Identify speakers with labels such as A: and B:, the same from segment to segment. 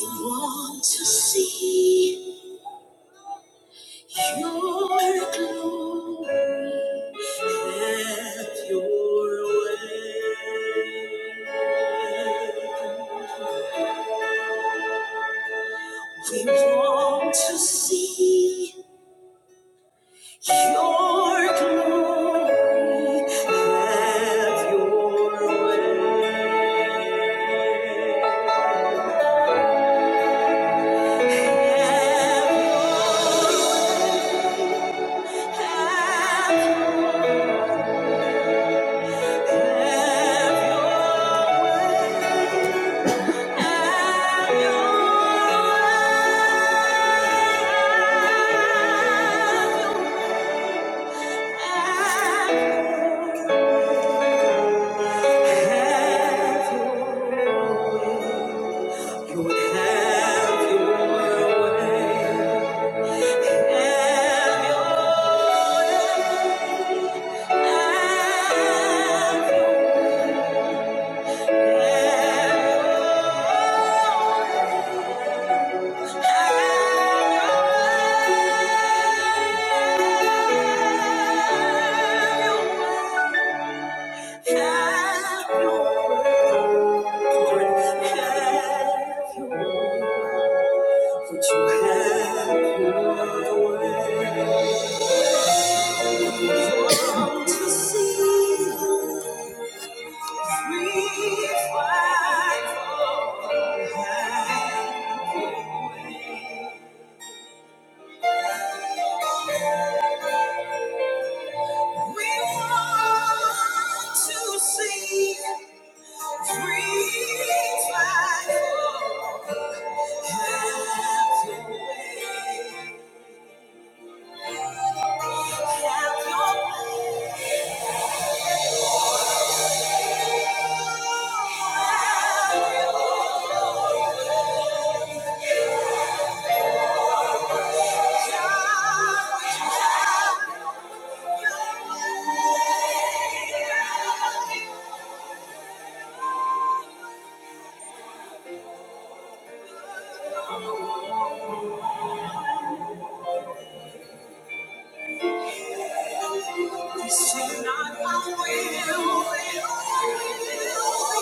A: We want to see your glory. Have your way. We want to see your glory. Have your way. Have your- way. have your way. Have your way. Would you have your way? To see the free flag fly. We want to see free trial. Have your way. Have your way. God, have your way. This is not my will, will, will be done.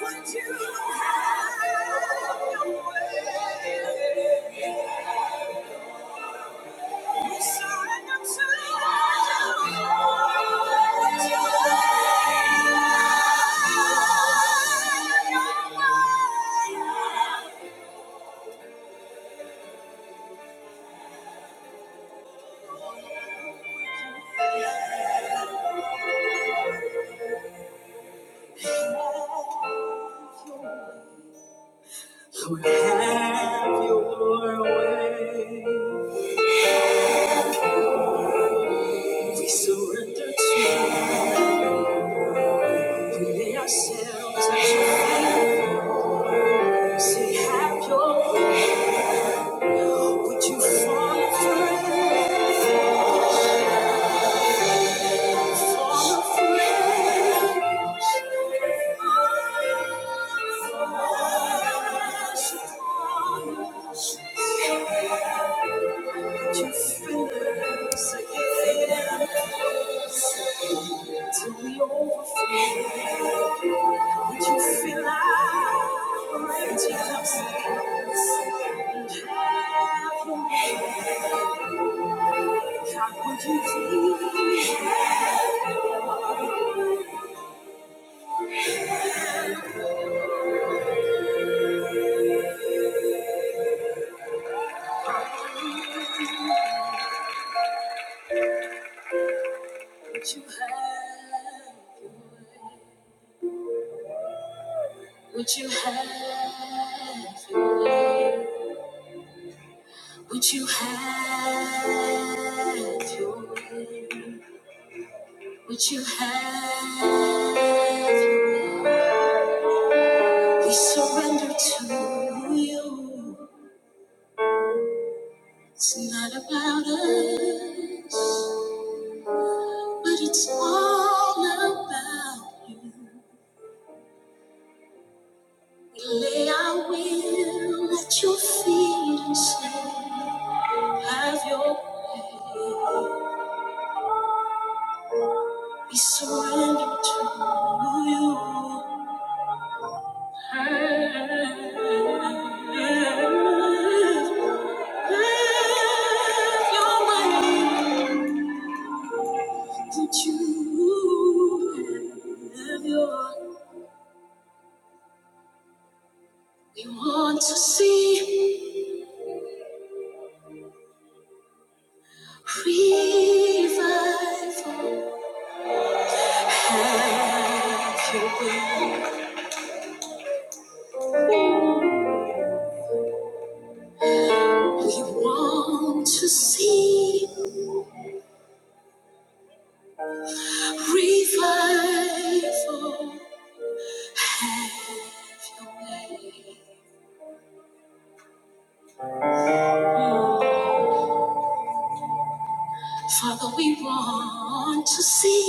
A: What you have your way. We surrender to you. What you have your way. Have your way. We surrender to you. We lay ourselves at your feet. Say, have your way. Would you fall afresh? Fall afresh. Would you fill us again till we overflow? Would you feel like raging up God, would you please have your way? Would you have your way? Would you have your way? Would you have your way? Would you have your way? We surrender to you. It's not about us, but it's all about you. We lay our will at your feet and say, Have your way. We surrender to you. Have, have, have your way. That you have your- We want to see revival. Have your way. We want to see revival. Father, we want to see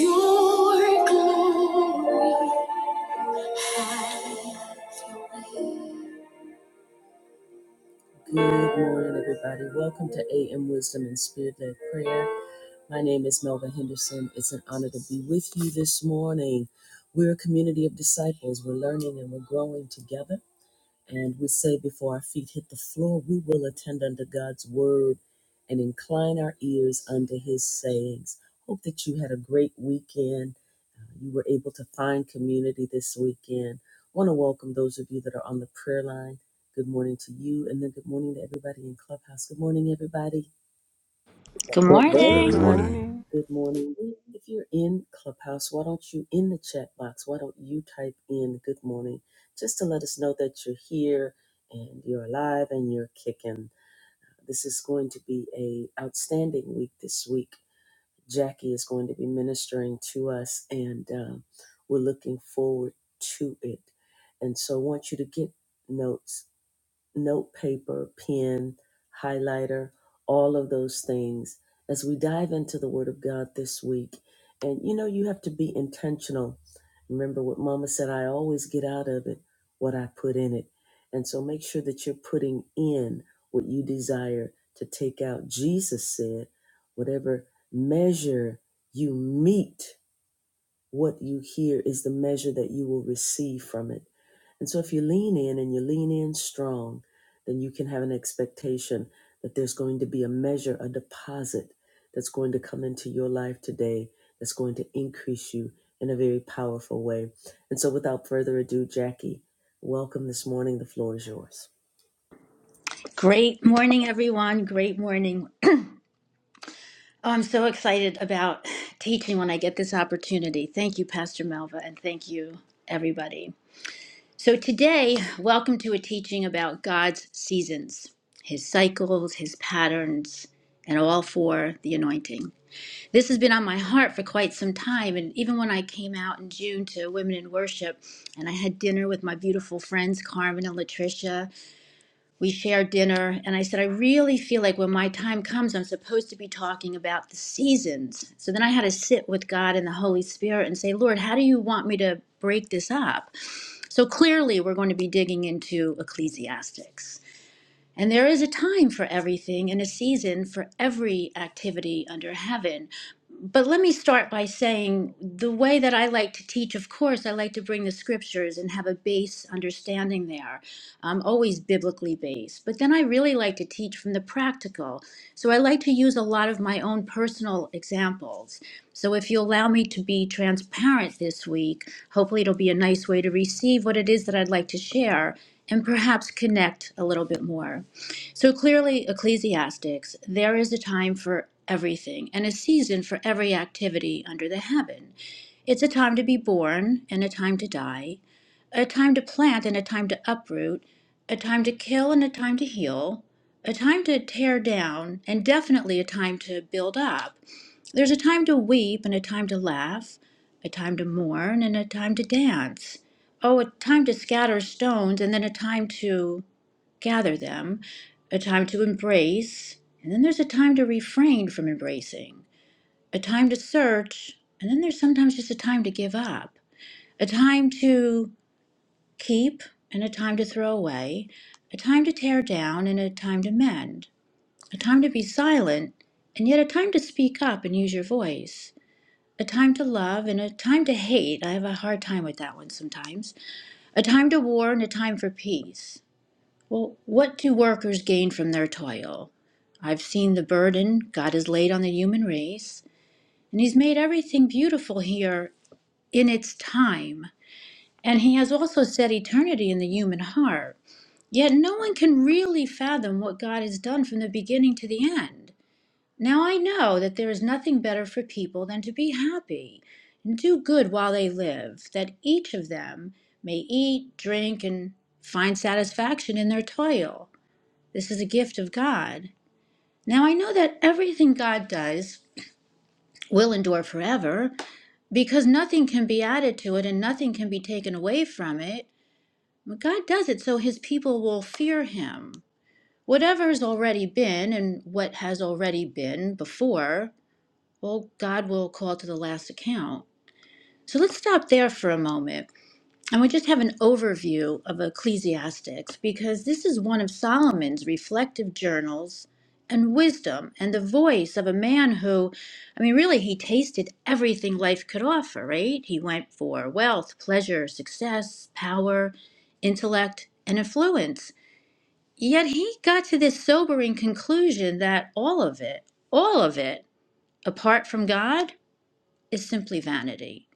A: your glory. Have your way. Good morning, everybody. Welcome to AM Wisdom and Spirit Led Prayer. My name is Melva Henderson. It's an honor to be with you this morning. We're a community of disciples. We're learning and we're growing together. And we say before our feet hit the floor, we will attend unto God's word and incline our ears unto his sayings. Hope that you had a great weekend you were able to find community this weekend. I want to welcome those of you that are on the prayer line. Good morning to you, and then good morning to everybody in Clubhouse. Good morning, everybody.
B: Good
C: Good
D: Good
C: morning.
E: Good
B: morning.
D: morning.
E: morning.
A: Good morning. If you're in Clubhouse, why don't you in the chat box? Why don't you type in good morning just to let us know that you're here and you're alive and you're kicking. This is going to be a outstanding week this week Jackie is going to be ministering to us, and um, we're looking forward to it. And so I want you to get notes note paper, pen, highlighter, all of those things as we dive into the Word of God this week. And you know, you have to be intentional. Remember what Mama said I always get out of it what I put in it. And so make sure that you're putting in what you desire to take out. Jesus said, whatever measure you meet, what you hear is the measure that you will receive from it. And so if you lean in and you lean in strong, then you can have an expectation that there's going to be a measure, a deposit that's going to come into your life today that's going to increase you in a very powerful way. And so without further ado, Jackie, welcome this morning. The floor is yours.
B: Great morning, everyone. Great morning. Oh, I'm so excited about teaching when I get this opportunity. Thank you, Pastor Melva, and thank you, everybody. So, today, welcome to a teaching about God's seasons, his cycles, his patterns, and all for the anointing. This has been on my heart for quite some time. And even when I came out in June to Women in Worship and I had dinner with my beautiful friends, Carmen and Latricia, we shared dinner and i said i really feel like when my time comes i'm supposed to be talking about the seasons so then i had to sit with god and the holy spirit and say lord how do you want me to break this up so clearly we're going to be digging into Ecclesiastes. And there is a time for everything and a season for every activity under heaven. But let me start by saying the way that I like to teach, of course, I like to bring the scriptures and have a base understanding there, um, always biblically based. But then I really like to teach from the practical. So I like to use a lot of my own personal examples. So, if you allow me to be transparent this week, hopefully it'll be a nice way to receive what it is that I'd like to share and perhaps connect a little bit more. So, clearly, Ecclesiastics, there is a time for everything and a season for every activity under the heaven. It's a time to be born and a time to die, a time to plant and a time to uproot, a time to kill and a time to heal, a time to tear down, and definitely a time to build up. There's a time to weep and a time to laugh, a time to mourn and a time to dance. Oh, a time to scatter stones and then a time to gather them, a time to embrace, and then there's a time to refrain from embracing, a time to search, and then there's sometimes just a time to give up, a time to keep and a time to throw away, a time to tear down and a time to mend, a time to be silent, and yet a time to speak up and use your voice a time to love and a time to hate. I have a hard time with that one sometimes. A time to war and a time for peace. Well, what do workers gain from their toil? I've seen the burden God has laid on the human race, and He's made everything beautiful here in its time. And He has also set eternity in the human heart. Yet no one can really fathom what God has done from the beginning to the end. Now I know that there is nothing better for people than to be happy and do good while they live, that each of them may eat, drink, and find satisfaction in their toil. This is a gift of God. Now I know that everything God does will endure forever because nothing can be added to it and nothing can be taken away from it. But God does it so his people will fear him. Whatever has already been and what has already been before Well, God will call to the last account. So let's stop there for a moment. And we just have an overview of Ecclesiastics because this is one of Solomon's reflective journals and wisdom and the voice of a man who, I mean, really, he tasted everything life could offer, right? He went for wealth, pleasure, success, power, intellect, and influence. Yet he got to this sobering conclusion that all of it, all of it, apart from God, is simply vanity.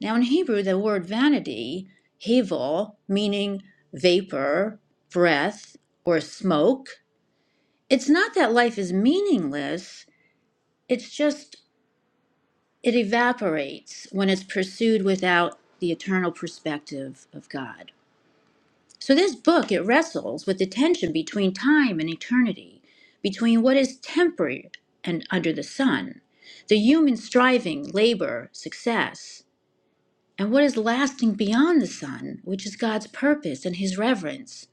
B: Now, in Hebrew, the word vanity, hevel, meaning vapor, breath, or smoke, it's not that life is meaningless, it's just it evaporates when it's pursued without the eternal perspective of God. So, this book, it wrestles with the tension between time and eternity, between what is temporary and under the sun, the human striving, labor, success, and what is lasting beyond the sun, which is God's purpose and his reverence.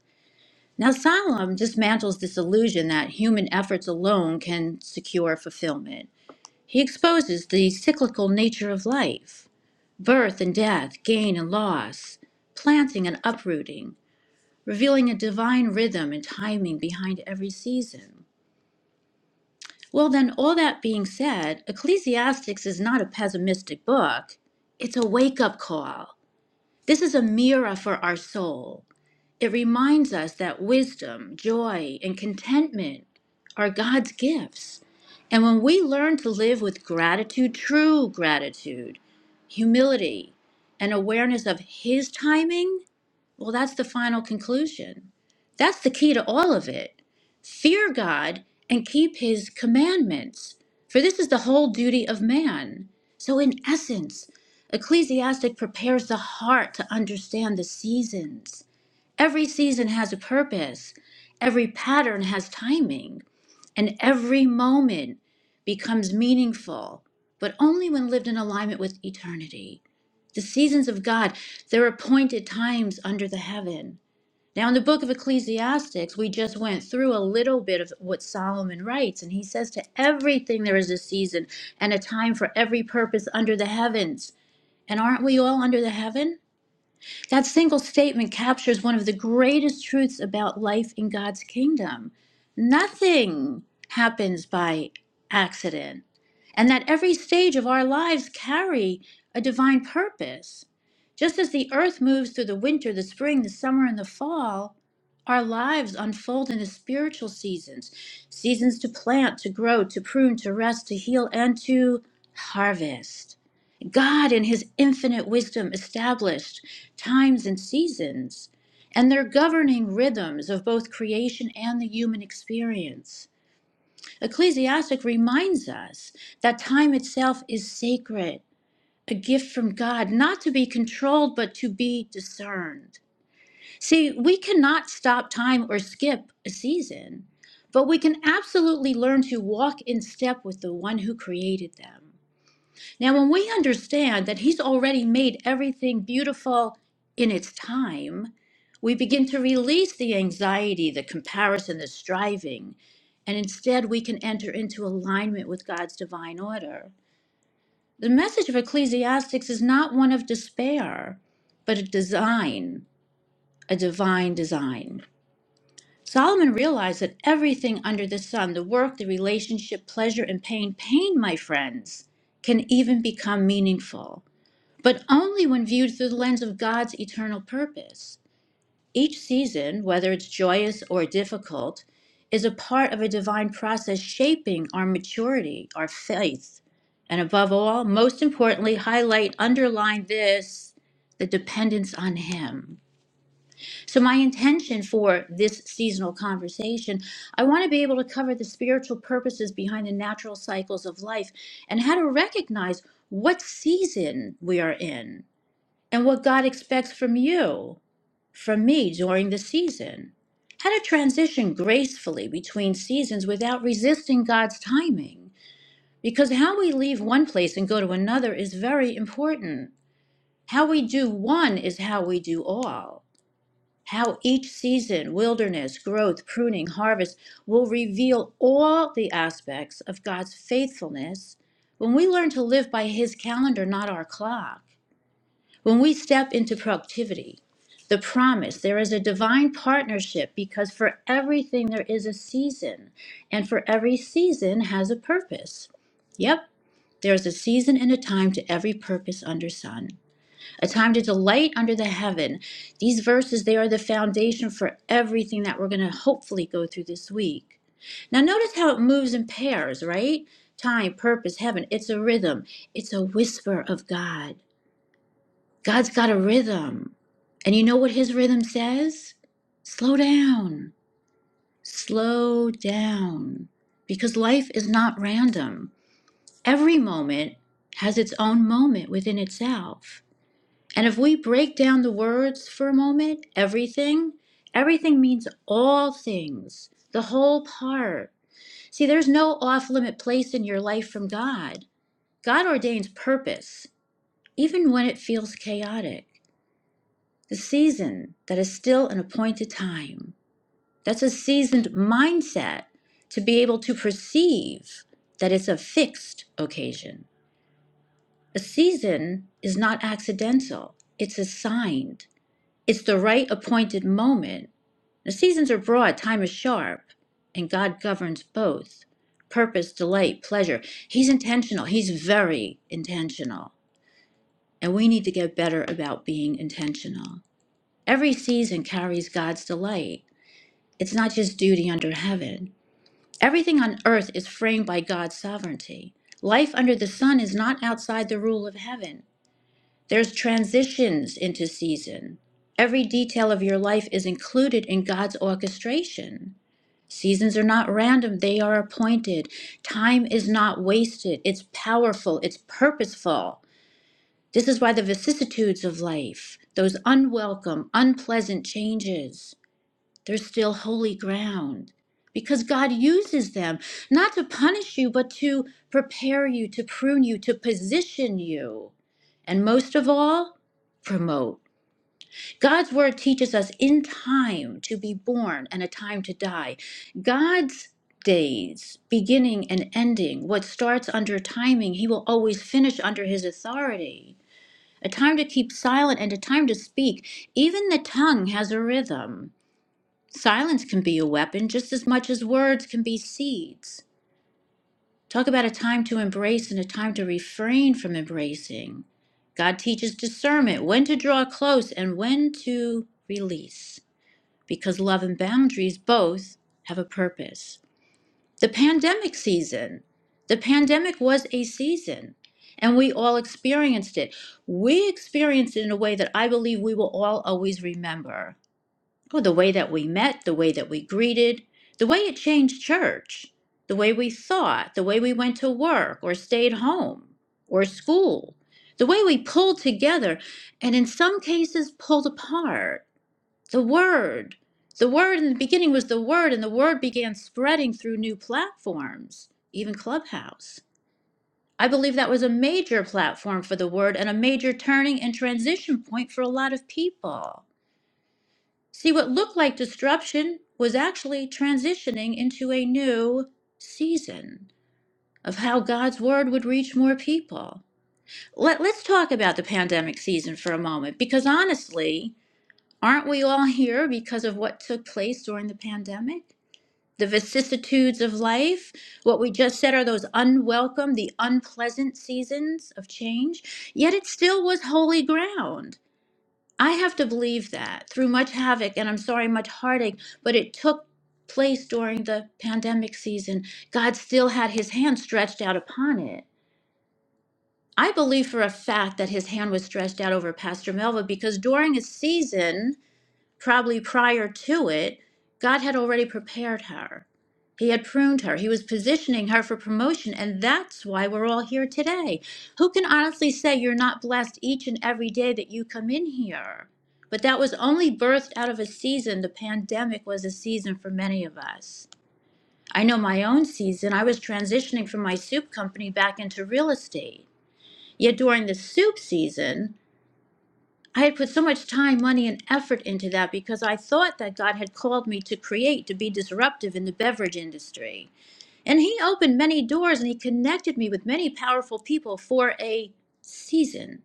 B: Now, Solomon dismantles this illusion that human efforts alone can secure fulfillment. He exposes the cyclical nature of life birth and death, gain and loss, planting and uprooting, revealing a divine rhythm and timing behind every season. Well, then, all that being said, Ecclesiastes is not a pessimistic book, it's a wake up call. This is a mirror for our soul. It reminds us that wisdom, joy, and contentment are God's gifts. And when we learn to live with gratitude, true gratitude, humility, and awareness of His timing, well, that's the final conclusion. That's the key to all of it. Fear God and keep his commandments, for this is the whole duty of man. So, in essence, Ecclesiastic prepares the heart to understand the seasons. Every season has a purpose, every pattern has timing, and every moment becomes meaningful, but only when lived in alignment with eternity. The seasons of God, they're appointed times under the heaven. Now, in the book of Ecclesiastics, we just went through a little bit of what Solomon writes, and he says, To everything there is a season and a time for every purpose under the heavens. And aren't we all under the heaven? That single statement captures one of the greatest truths about life in God's kingdom. Nothing happens by accident, and that every stage of our lives carry a divine purpose. Just as the earth moves through the winter, the spring, the summer, and the fall, our lives unfold into spiritual seasons seasons to plant, to grow, to prune, to rest, to heal, and to harvest. God, in His infinite wisdom, established times and seasons, and their governing rhythms of both creation and the human experience. Ecclesiastic reminds us that time itself is sacred, a gift from God, not to be controlled, but to be discerned. See, we cannot stop time or skip a season, but we can absolutely learn to walk in step with the one who created them. Now, when we understand that He's already made everything beautiful in its time, we begin to release the anxiety, the comparison, the striving, and instead we can enter into alignment with God's divine order. The message of Ecclesiastics is not one of despair, but a design, a divine design. Solomon realized that everything under the sun, the work, the relationship, pleasure, and pain, pain, my friends, can even become meaningful but only when viewed through the lens of God's eternal purpose. Each season, whether it's joyous or difficult, is a part of a divine process shaping our maturity, our faith, and above all, most importantly, highlight, underline this the dependence on Him. So, my intention for this seasonal conversation, I want to be able to cover the spiritual purposes behind the natural cycles of life and how to recognize what season we are in and what God expects from you, from me during the season. How to transition gracefully between seasons without resisting God's timing. Because how we leave one place and go to another is very important. How we do one is how we do all. How each season, wilderness, growth, pruning, harvest, will reveal all the aspects of God's faithfulness when we learn to live by His calendar, not our clock. When we step into productivity, the promise, there is a divine partnership because for everything there is a season, and for every season has a purpose. Yep, there is a season and a time to every purpose under sun, a time to delight under the heaven. These verses, they are the foundation for everything that we're going to hopefully go through this week. Now, notice how it moves in pairs, right? Time, purpose, heaven. It's a rhythm, it's a whisper of God. God's got a rhythm. And you know what his rhythm says? Slow down. Slow down. Because life is not random. Every moment has its own moment within itself. And if we break down the words for a moment, everything, everything means all things, the whole part. See, there's no off limit place in your life from God. God ordains purpose, even when it feels chaotic. The season that is still an appointed time. That's a seasoned mindset to be able to perceive that it's a fixed occasion. A season is not accidental, it's assigned. It's the right appointed moment. The seasons are broad, time is sharp, and God governs both purpose, delight, pleasure. He's intentional, He's very intentional. And we need to get better about being intentional. Every season carries God's delight. It's not just duty under heaven. Everything on earth is framed by God's sovereignty. Life under the sun is not outside the rule of heaven. There's transitions into season. Every detail of your life is included in God's orchestration. Seasons are not random, they are appointed. Time is not wasted, it's powerful, it's purposeful. This is why the vicissitudes of life, those unwelcome, unpleasant changes, they're still holy ground because God uses them not to punish you, but to prepare you, to prune you, to position you, and most of all, promote. God's word teaches us in time to be born and a time to die. God's days, beginning and ending, what starts under timing, he will always finish under his authority. A time to keep silent and a time to speak. Even the tongue has a rhythm. Silence can be a weapon just as much as words can be seeds. Talk about a time to embrace and a time to refrain from embracing. God teaches discernment, when to draw close and when to release, because love and boundaries both have a purpose. The pandemic season. The pandemic was a season, and we all experienced it. We experienced it in a way that I believe we will all always remember. Well, the way that we met, the way that we greeted, the way it changed church, the way we thought, the way we went to work or stayed home or school, the way we pulled together and in some cases pulled apart. The word. The word in the beginning was the word, and the word began spreading through new platforms, even Clubhouse. I believe that was a major platform for the word and a major turning and transition point for a lot of people. See, what looked like disruption was actually transitioning into a new season of how God's word would reach more people. Let, let's talk about the pandemic season for a moment, because honestly, aren't we all here because of what took place during the pandemic? The vicissitudes of life, what we just said are those unwelcome, the unpleasant seasons of change, yet it still was holy ground. I have to believe that through much havoc and I'm sorry, much heartache, but it took place during the pandemic season. God still had his hand stretched out upon it. I believe for a fact that his hand was stretched out over Pastor Melva because during a season, probably prior to it, God had already prepared her. He had pruned her. He was positioning her for promotion. And that's why we're all here today. Who can honestly say you're not blessed each and every day that you come in here? But that was only birthed out of a season. The pandemic was a season for many of us. I know my own season. I was transitioning from my soup company back into real estate. Yet during the soup season, I had put so much time, money, and effort into that because I thought that God had called me to create, to be disruptive in the beverage industry. And He opened many doors and He connected me with many powerful people for a season.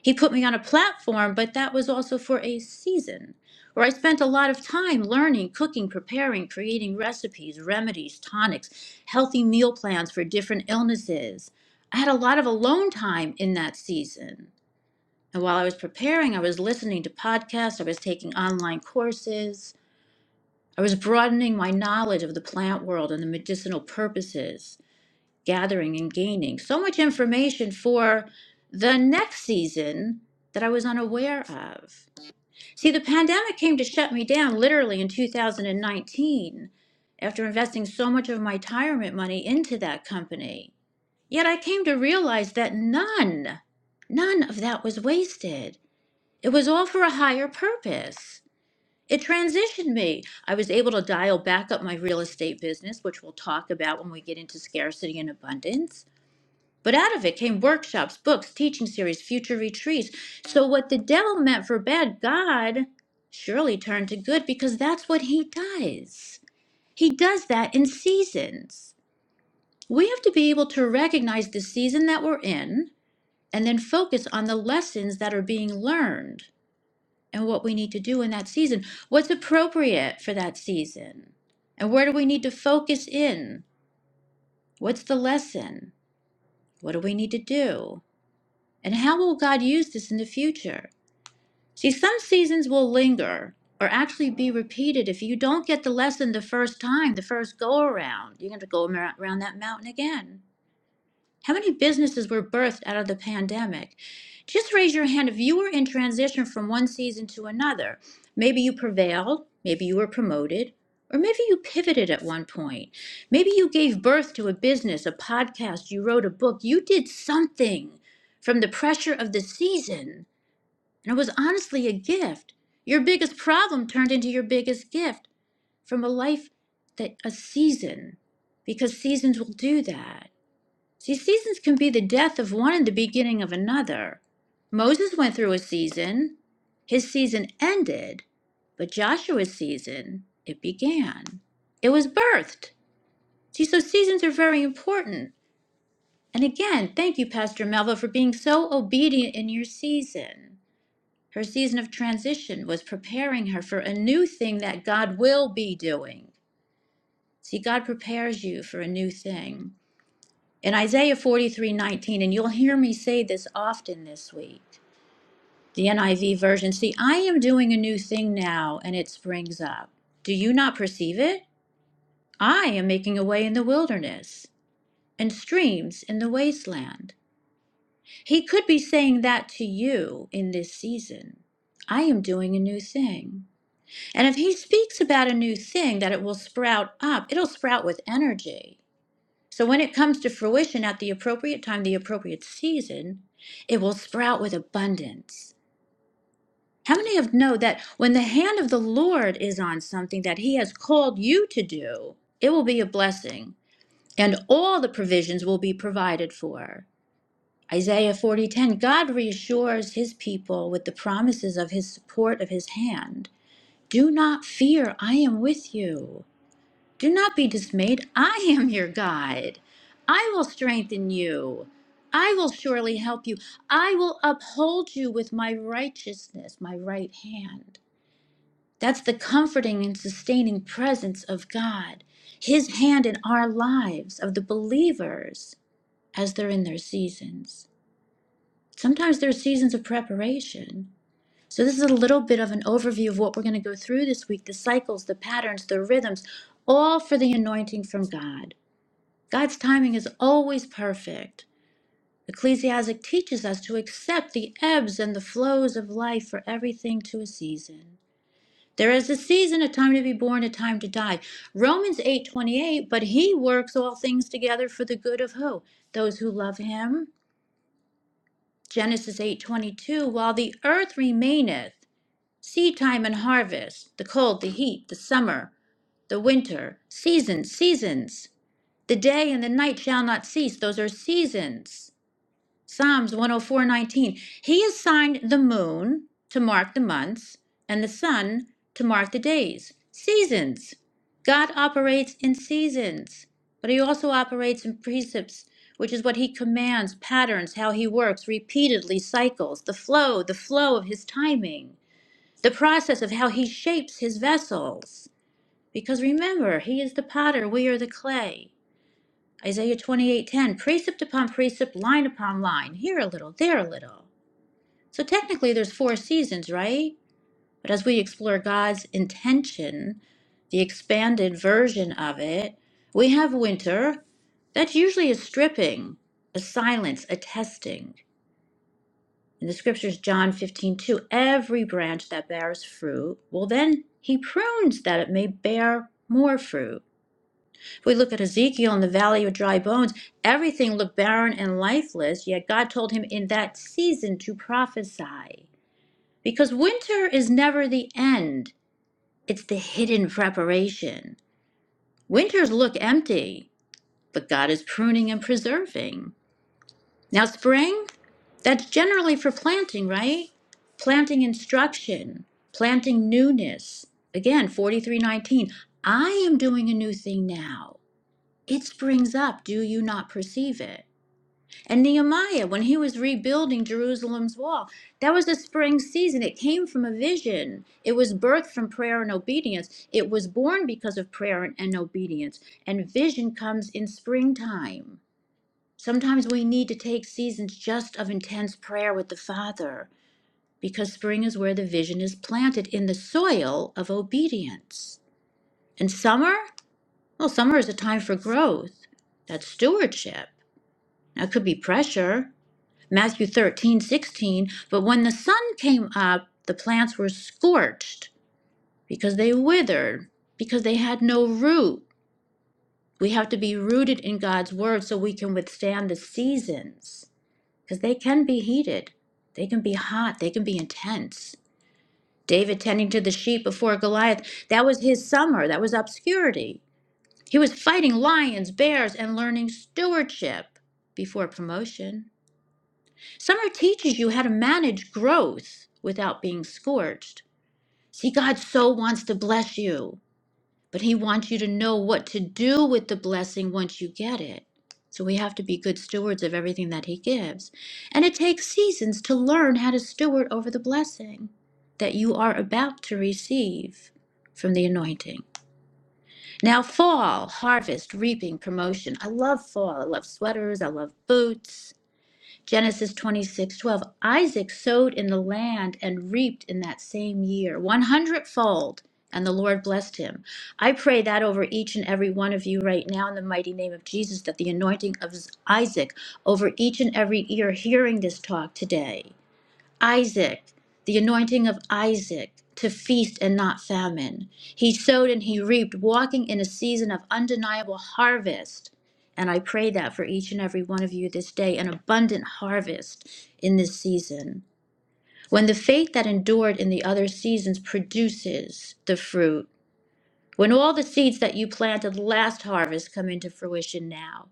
B: He put me on a platform, but that was also for a season where I spent a lot of time learning, cooking, preparing, creating recipes, remedies, tonics, healthy meal plans for different illnesses. I had a lot of alone time in that season. And while I was preparing, I was listening to podcasts, I was taking online courses, I was broadening my knowledge of the plant world and the medicinal purposes, gathering and gaining so much information for the next season that I was unaware of. See, the pandemic came to shut me down literally in 2019 after investing so much of my retirement money into that company. Yet I came to realize that none, none of that was wasted. It was all for a higher purpose. It transitioned me. I was able to dial back up my real estate business, which we'll talk about when we get into scarcity and abundance. But out of it came workshops, books, teaching series, future retreats. So, what the devil meant for bad, God surely turned to good because that's what he does. He does that in seasons. We have to be able to recognize the season that we're in and then focus on the lessons that are being learned and what we need to do in that season, what's appropriate for that season, and where do we need to focus in? What's the lesson? What do we need to do? And how will God use this in the future? See, some seasons will linger or actually be repeated if you don't get the lesson the first time, the first go around. You're going to go around that mountain again. How many businesses were birthed out of the pandemic? Just raise your hand if you were in transition from one season to another. Maybe you prevailed, maybe you were promoted, or maybe you pivoted at one point. Maybe you gave birth to a business, a podcast, you wrote a book, you did something from the pressure of the season, and it was honestly a gift. Your biggest problem turned into your biggest gift from a life that a season, because seasons will do that. See, seasons can be the death of one and the beginning of another. Moses went through a season, his season ended, but Joshua's season, it began. It was birthed. See, so seasons are very important. And again, thank you, Pastor Melva, for being so obedient in your season. Her season of transition was preparing her for a new thing that God will be doing. See, God prepares you for a new thing. In Isaiah 43:19, and you'll hear me say this often this week, the NIV version See, I am doing a new thing now, and it springs up. Do you not perceive it? I am making a way in the wilderness and streams in the wasteland. He could be saying that to you in this season. I am doing a new thing. And if he speaks about a new thing, that it will sprout up, it'll sprout with energy. So when it comes to fruition at the appropriate time, the appropriate season, it will sprout with abundance. How many of you know that when the hand of the Lord is on something that he has called you to do, it will be a blessing and all the provisions will be provided for. Isaiah 40:10 God reassures his people with the promises of his support of his hand. Do not fear, I am with you. Do not be dismayed. I am your God. I will strengthen you. I will surely help you. I will uphold you with my righteousness, my right hand. That's the comforting and sustaining presence of God, His hand in our lives, of the believers, as they're in their seasons. Sometimes there are seasons of preparation. So, this is a little bit of an overview of what we're going to go through this week the cycles, the patterns, the rhythms, all for the anointing from God. God's timing is always perfect. Ecclesiastic teaches us to accept the ebbs and the flows of life for everything to a season. There is a season, a time to be born, a time to die. Romans 8:28, but he works all things together for the good of who? Those who love him. Genesis 8:22, while the earth remaineth. Seed and harvest, the cold, the heat, the summer, the winter, seasons, seasons. The day and the night shall not cease. Those are seasons. Psalms 104:19. He assigned the moon to mark the months and the sun to mark the days. Seasons. God operates in seasons, but he also operates in precepts, which is what he commands, patterns, how he works, repeatedly cycles, the flow, the flow of his timing the process of how he shapes his vessels. Because remember, he is the potter, we are the clay. Isaiah 28:10, precept upon precept, line upon line, here a little, there a little. So technically there's four seasons, right? But as we explore God's intention, the expanded version of it, we have winter. That usually is stripping, a silence, a testing. In the scriptures, John 15 2, every branch that bears fruit, well, then he prunes that it may bear more fruit. If we look at Ezekiel in the valley of dry bones, everything looked barren and lifeless, yet God told him in that season to prophesy. Because winter is never the end, it's the hidden preparation. Winters look empty, but God is pruning and preserving. Now, spring, that's generally for planting, right? Planting instruction, planting newness. Again, 4319. I am doing a new thing now. It springs up. Do you not perceive it? And Nehemiah, when he was rebuilding Jerusalem's wall, that was a spring season. It came from a vision. It was birthed from prayer and obedience. It was born because of prayer and, and obedience. And vision comes in springtime. Sometimes we need to take seasons just of intense prayer with the Father because spring is where the vision is planted in the soil of obedience. And summer? Well, summer is a time for growth. That's stewardship. That could be pressure. Matthew 13:16. But when the sun came up, the plants were scorched because they withered, because they had no root. We have to be rooted in God's word so we can withstand the seasons. because they can be heated. They can be hot. They can be intense. David tending to the sheep before Goliath, that was his summer. That was obscurity. He was fighting lions, bears, and learning stewardship before promotion. Summer teaches you how to manage growth without being scorched. See, God so wants to bless you. But He wants you to know what to do with the blessing once you get it. So we have to be good stewards of everything that He gives. And it takes seasons to learn how to steward over the blessing that you are about to receive from the anointing. Now, fall, harvest, reaping, promotion. I love fall. I love sweaters. I love boots. Genesis 26 12. Isaac sowed in the land and reaped in that same year, one hundredfold, and the Lord blessed him. I pray that over each and every one of you right now in the mighty name of Jesus, that the anointing of Isaac over each and every ear hearing this talk today Isaac, the anointing of Isaac to feast and not famine. He sowed and he reaped, walking in a season of undeniable harvest. And I pray that for each and every one of you this day, an abundant harvest in this season. When the faith that endured in the other seasons produces the fruit, when all the seeds that you planted last harvest come into fruition now,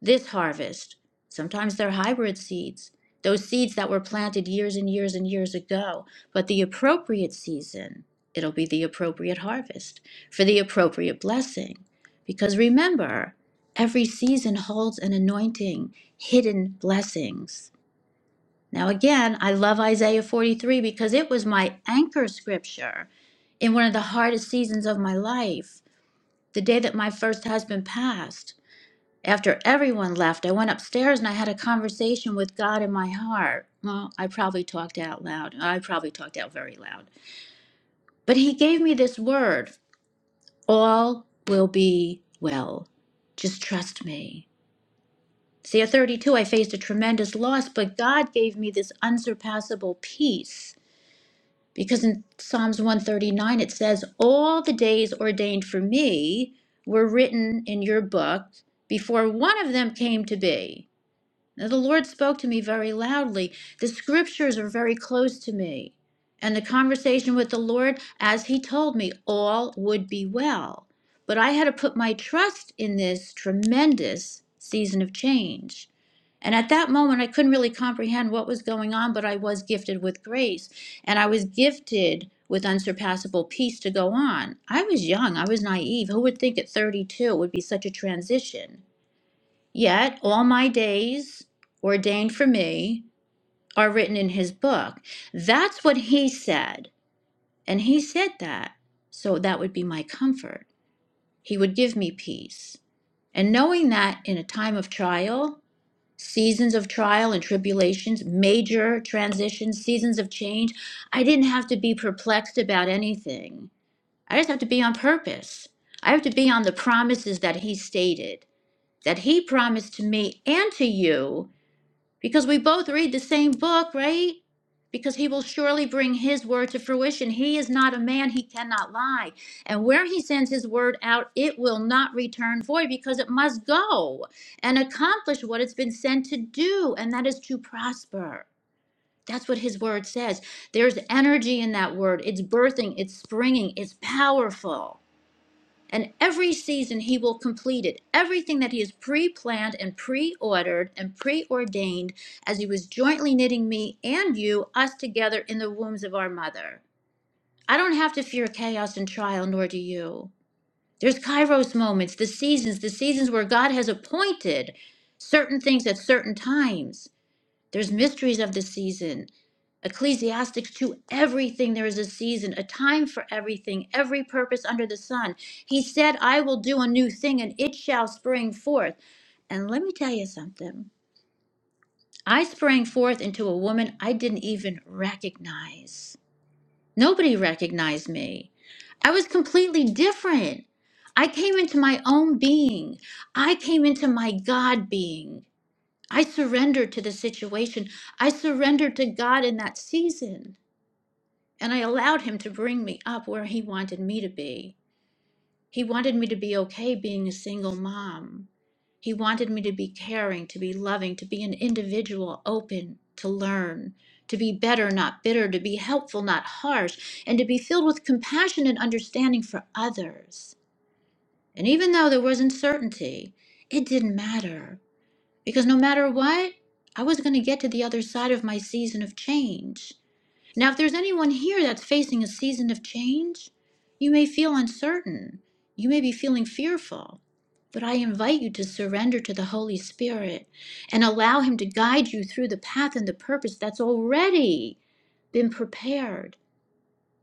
B: this harvest. Sometimes they're hybrid seeds, those seeds that were planted years and years and years ago. But the appropriate season, it'll be the appropriate harvest for the appropriate blessing. Because remember, every season holds an anointing, hidden blessings. Now, again, I love Isaiah 43 because it was my anchor scripture in one of the hardest seasons of my life, the day that my first husband passed. After everyone left, I went upstairs and I had a conversation with God in my heart. Well, I probably talked out loud. I probably talked out very loud. But He gave me this word all will be well. Just trust me. See, at 32, I faced a tremendous loss, but God gave me this unsurpassable peace. Because in Psalms 139, it says, All the days ordained for me were written in your book before one of them came to be. Now, the Lord spoke to me very loudly. The scriptures are very close to me. And the conversation with the Lord, as He told me, all would be well. But I had to put my trust in this tremendous season of change. And at that moment, I couldn't really comprehend what was going on, but I was gifted with grace. And I was gifted with unsurpassable peace to go on. I was young, I was naive. Who would think at 32 it would be such a transition? Yet all my days ordained for me are written in his book. That's what he said. And he said that. So that would be my comfort. He would give me peace. And knowing that in a time of trial, seasons of trial and tribulations, major transitions, seasons of change, I didn't have to be perplexed about anything. I just have to be on purpose. I have to be on the promises that he stated, that he promised to me and to you Because we both read the same book, right? Because he will surely bring his word to fruition. He is not a man, he cannot lie. And where he sends his word out, it will not return void because it must go and accomplish what it's been sent to do, and that is to prosper. That's what his word says. There's energy in that word. It's birthing, it's springing, it's powerful. And every season he will complete it. Everything that he has pre planned and pre ordered and preordained as he was jointly knitting me and you, us together in the wombs of our mother. I don't have to fear chaos and trial, nor do you. There's kairos moments, the seasons, the seasons where God has appointed certain things at certain times. There's mysteries of the season. Ecclesiastics 2 everything there is a season, a time for everything, every purpose under the sun. He said, I will do a new thing and it shall spring forth. And let me tell you something. I sprang forth into a woman I didn't even recognize. Nobody recognized me. I was completely different. I came into my own being. I came into my God being. I surrendered to the situation. I surrendered to God in that season. And I allowed Him to bring me up where He wanted me to be. He wanted me to be okay being a single mom. He wanted me to be caring, to be loving, to be an individual, open, to learn, to be better, not bitter, to be helpful, not harsh, and to be filled with compassion and understanding for others. And even though there was uncertainty, it didn't matter. Because no matter what, I was going to get to the other side of my season of change. Now, if there's anyone here that's facing a season of change, you may feel uncertain. You may be feeling fearful. But I invite you to surrender to the Holy Spirit and allow Him to guide you through the path and the purpose that's already been prepared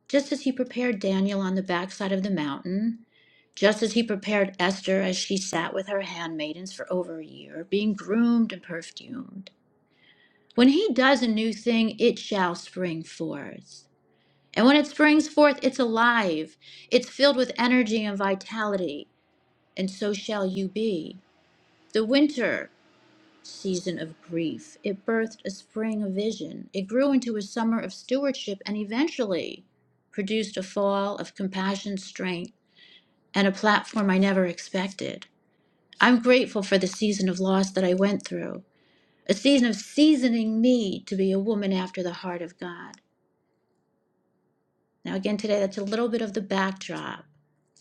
B: just as he prepared Daniel on the backside of the mountain, just as he prepared Esther as she sat with her handmaidens for over a year, being groomed and perfumed. When he does a new thing, it shall spring forth. And when it springs forth, it's alive, it's filled with energy and vitality, and so shall you be. The winter season of grief. It birthed a spring of vision. It grew into a summer of stewardship and eventually produced a fall of compassion, strength, and a platform I never expected. I'm grateful for the season of loss that I went through, a season of seasoning me to be a woman after the heart of God. Now, again, today, that's a little bit of the backdrop.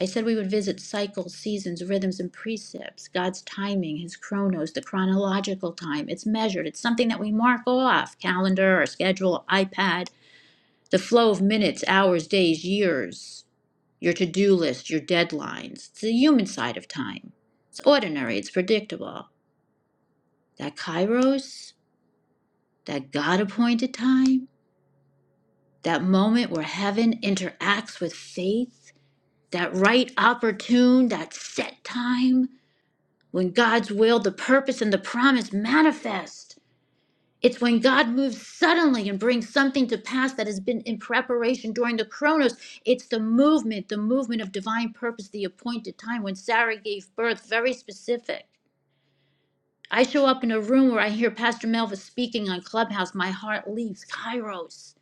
B: I said we would visit cycles, seasons, rhythms, and precepts, God's timing, His chronos, the chronological time. It's measured, it's something that we mark off calendar or schedule, iPad, the flow of minutes, hours, days, years, your to do list, your deadlines. It's the human side of time. It's ordinary, it's predictable. That kairos, that God appointed time, that moment where heaven interacts with faith that right opportune, that set time when God's will, the purpose, and the promise manifest. It's when God moves suddenly and brings something to pass that has been in preparation during the chronos. It's the movement, the movement of divine purpose, the appointed time when Sarah gave birth, very specific. I show up in a room where I hear Pastor Melva speaking on Clubhouse. My heart leaves Kairos.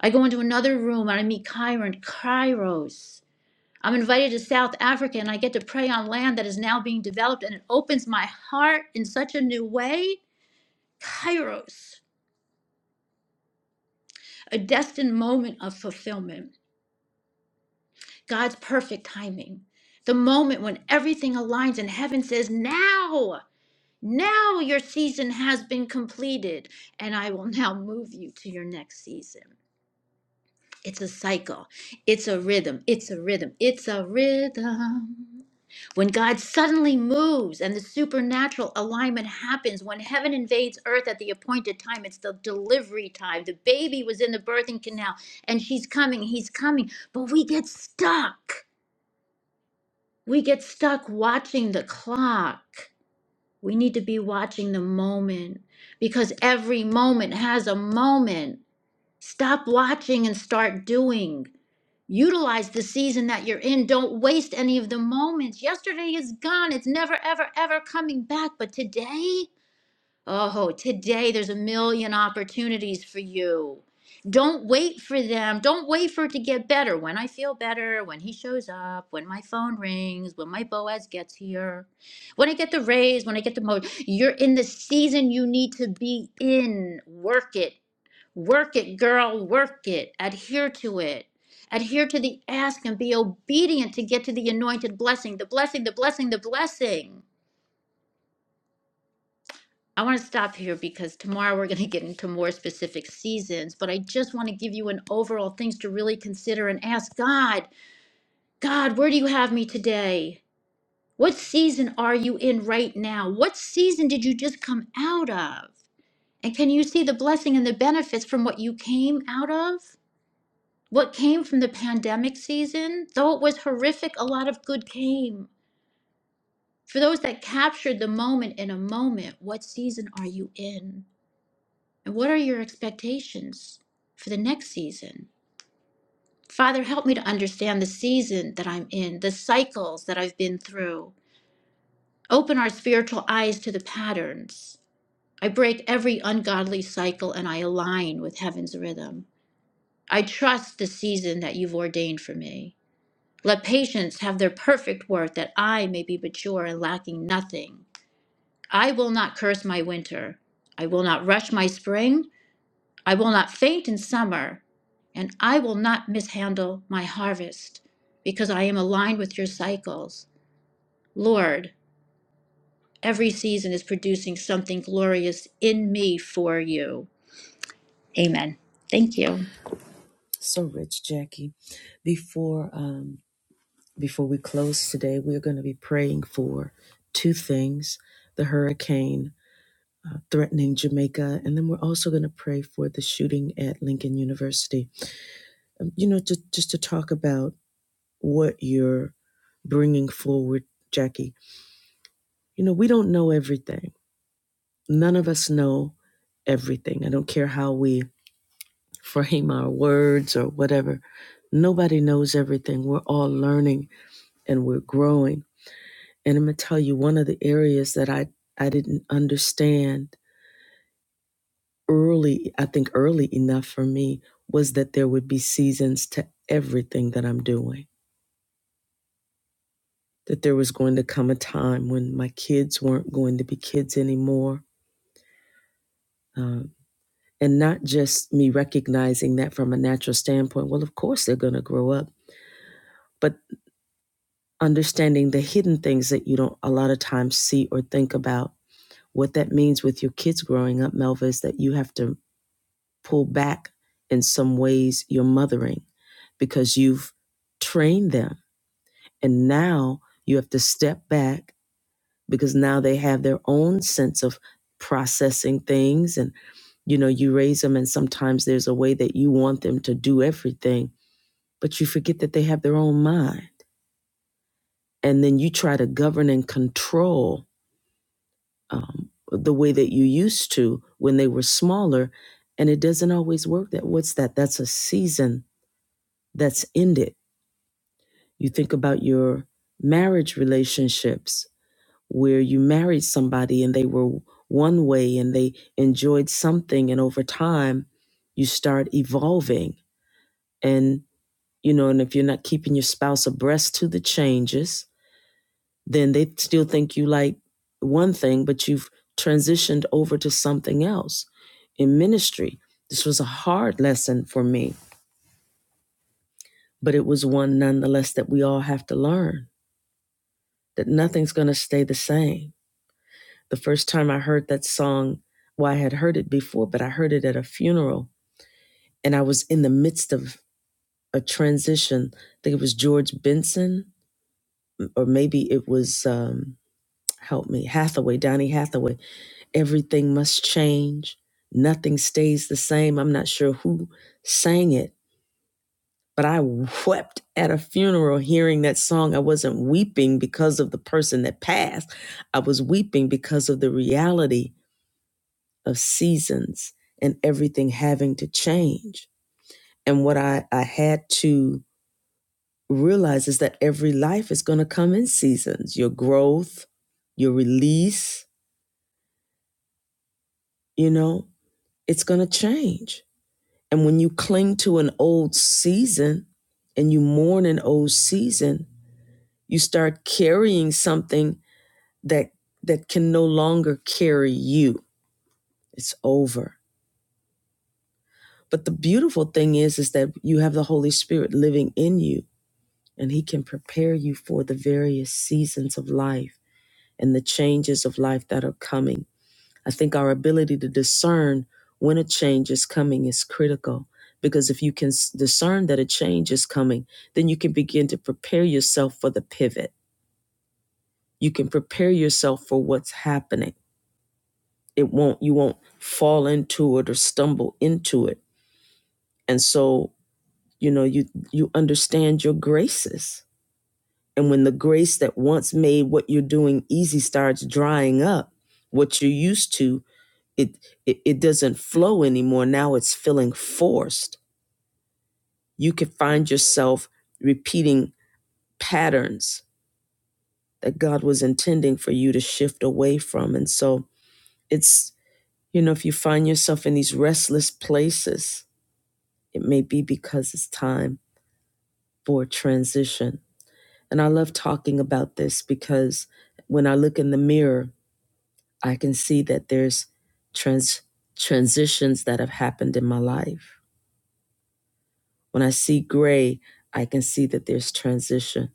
B: I go into another room and I meet Kyron, Kairos. I'm invited to South Africa and I get to pray on land that is now being developed and it opens my heart in such a new way. Kairos, a destined moment of fulfillment, God's perfect timing, the moment when everything aligns and heaven says, Now, now your season has been completed and I will now move you to your next season. It's a cycle, it's a rhythm, it's a rhythm, it's a rhythm. When God suddenly moves and the supernatural alignment happens, when heaven invades earth at the appointed time, it's the delivery time. The baby was in the birthing canal and she's coming, he's coming. But we get stuck. We get stuck watching the clock. We need to be watching the moment because every moment has a moment. Stop watching and start doing. Utilize the season that you're in. Don't waste any of the moments. Yesterday is gone. It's never, ever, ever coming back. But today, oh, today there's a million opportunities for you. Don't wait for them. Don't wait for it to get better. When I feel better, when he shows up, when my phone rings, when my Boaz gets here, when I get the raise, when I get the motion. You're in the season you need to be in. Work it Work it, girl, work it. Adhere to it. Adhere to the ask and be obedient to get to the anointed blessing, the blessing, the blessing, the blessing. I want to stop here because tomorrow we're going to get into more specific seasons, but I just want to give you an overall things to really consider and ask God, God, where do you have me today? What season are you in right now? What season did you just come out of? And can you see the blessing and the benefits from what you came out of? What came from the pandemic season, though it was horrific, a lot of good came. For those that captured the moment in a moment, what season are you in? And what are your expectations for the next season? Father, help me to understand the season that I'm in, the cycles that I've been through. Open our spiritual eyes to the patterns. I break every ungodly cycle and I align with heaven's rhythm. I trust the season that you've ordained for me. Let patience have their perfect work, that I may be mature and lacking nothing. I will not curse my winter. I will not rush my spring. I will not faint in summer. And I will not mishandle my harvest, because I am aligned with your cycles. Lord, every season is producing something glorious in me for you. Amen. Thank you.
A: so rich, Jackie. Before um, before we close today, we're going to be praying for two things: the hurricane threatening Jamaica. And then we're also going to pray for the shooting at Lincoln University. Um, you know, to, just to talk about what you're bringing forward, Jackie. You know, we don't know everything. None of us know everything. I don't care how we frame our words or whatever. Nobody knows everything. We're all learning and we're growing. And I'm going to tell you one of the areas that I, I didn't understand early, I think early enough for me was that there would be seasons to everything that I'm doing. That there was going to come a time when my kids weren't going to be kids anymore. Um, and not just me recognizing that from a natural standpoint, well, of course they're going to grow up, but understanding the hidden things that you don't a lot of times see or think about. What that means with your kids growing up, Melva, is that you have to pull back in some ways your mothering because you've trained them And now you have to step back because now they have their own sense of processing things. And, you know, you raise them, and sometimes there's a way that you want them to do everything, but you forget that they have their own mind. And then you try to govern and control um, the way that you used to when they were smaller. And it doesn't always work that. What's that? That's a season that's ended. You think about your marriage relationships where you married somebody and they were one way and they enjoyed something and over time you start evolving and you know and if you're not keeping your spouse abreast to the changes then they still think you like one thing but you've transitioned over to something else in ministry this was a hard lesson for me but it was one nonetheless that we all have to learn that nothing's going to stay the same The first time I heard that song, well, I had heard it before, but I heard it at a funeral and I was in the midst of a transition. I think it was George Benson, or maybe it was, um, help me, Hathaway, Donny Hathaway. Everything must change. Nothing stays the same. I'm not sure who sang it, but I wept at a funeral hearing that song. I wasn't weeping because of the person that passed, I was weeping because of the reality of seasons and everything having to change. And what I, I had to realize is that every life is going to come in seasons. Your growth, your release, you know, it's going to change. And when you cling to an old season and you mourn an old season, you start carrying something that that can no longer carry you. It's over. But the beautiful thing is is that you have the Holy Spirit living in you and He can prepare you for the various seasons of life and the changes of life that are coming. I think our ability to discern when a change is coming is critical because if you can s- discern that a change is coming, then you can begin to prepare yourself for the pivot. You can prepare yourself for what's happening. It won't you won't fall into it or stumble into it. And so, you know, you you understand your graces And when the grace that once made what you're doing easy starts drying up, what you're used to, it, it, it doesn't flow anymore. Now it's feeling forced. You can find yourself repeating patterns that God was intending for you to shift away from. And so it's, you know, if you find yourself in these restless places, it may be because it's time for transition. And I love talking about this because when I look in the mirror, I can see that there's trans transitions that have happened in my life. When I see gray, I can see that there's transition.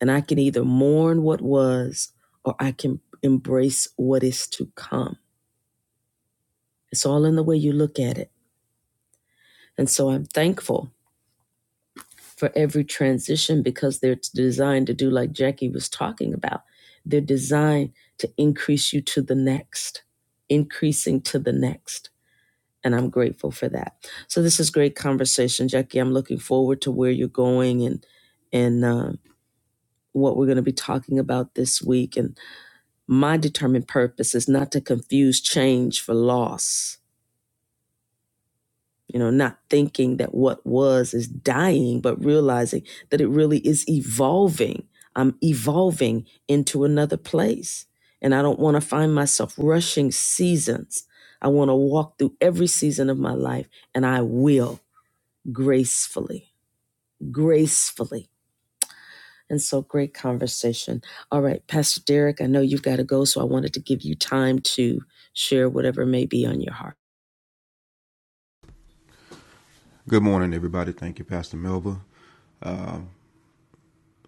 A: And I can either mourn what was or I can embrace what is to come. It's all in the way you look at it. And so I'm thankful for every transition because they're designed to do like Jackie was talking about. They're designed to increase you to the next, increasing to the next. and I'm grateful for that. So this is great conversation, Jackie. I'm looking forward to where you're going and and uh, what we're going to be talking about this week. And my determined purpose is not to confuse change for loss. You know, not thinking that what was is dying, but realizing that it really is evolving. I'm evolving into another place. And I don't want to find myself rushing seasons. I want to walk through every season of my life, and I will. gracefully, gracefully. And so great conversation. All right, Pastor Derek, I know you've got to go, so I wanted to give you time to share whatever may be on your heart.
D: Good morning, everybody. Thank you, Pastor Melba. Um,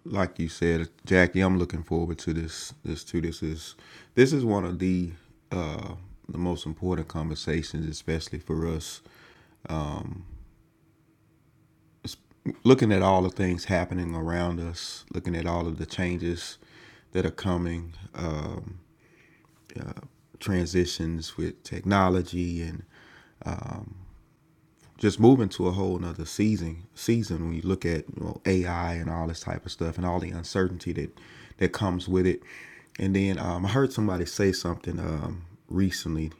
D: like you said, Jackie, I'm looking forward to this. This too. This is this is one of the uh, the most important conversations, especially for us. Looking at all the things happening around us, looking at all of the changes that are coming, uh, transitions with technology and just moving to a whole nother season season when you look at you know, AI and all this type of stuff and all the uncertainty that that comes with it. And then um, I heard somebody say something um, recently.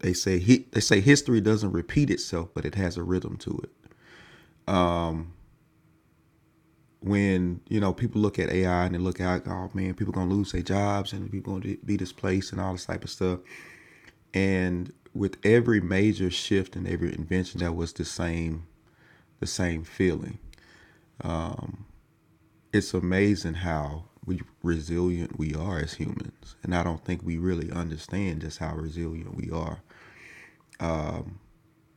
D: They say he, they say history doesn't repeat itself, but it has a rhythm to it. When you know people look at AI and they look at oh man, people gonna lose their jobs and people gonna be displaced and all this type of stuff. And with every major shift and every invention, that was the same the same feeling it's amazing how we resilient we are as humans and i don't think we really understand just how resilient we are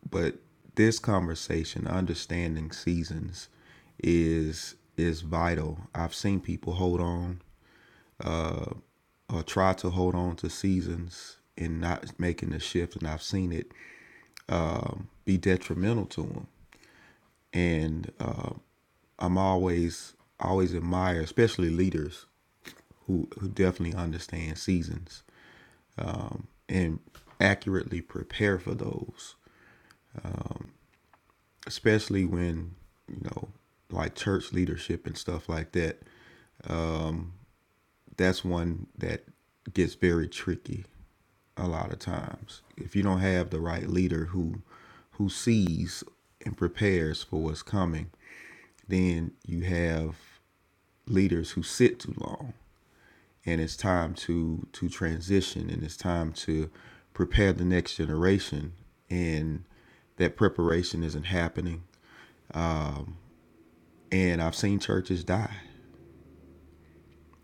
D: but this conversation understanding seasons is is vital i've seen people hold on or try to hold on to seasons and not making the shift and i've seen it be detrimental to them and uh, i'm always always admire especially leaders who who definitely understand seasons and accurately prepare for those, especially when, you know, like church leadership and stuff like that. That's one that gets very tricky a lot of times. If you don't have the right leader who who sees and prepares for what's coming, then you have leaders who sit too long and it's time to to transition and it's time to prepare the next generation and that preparation isn't happening and i've seen churches die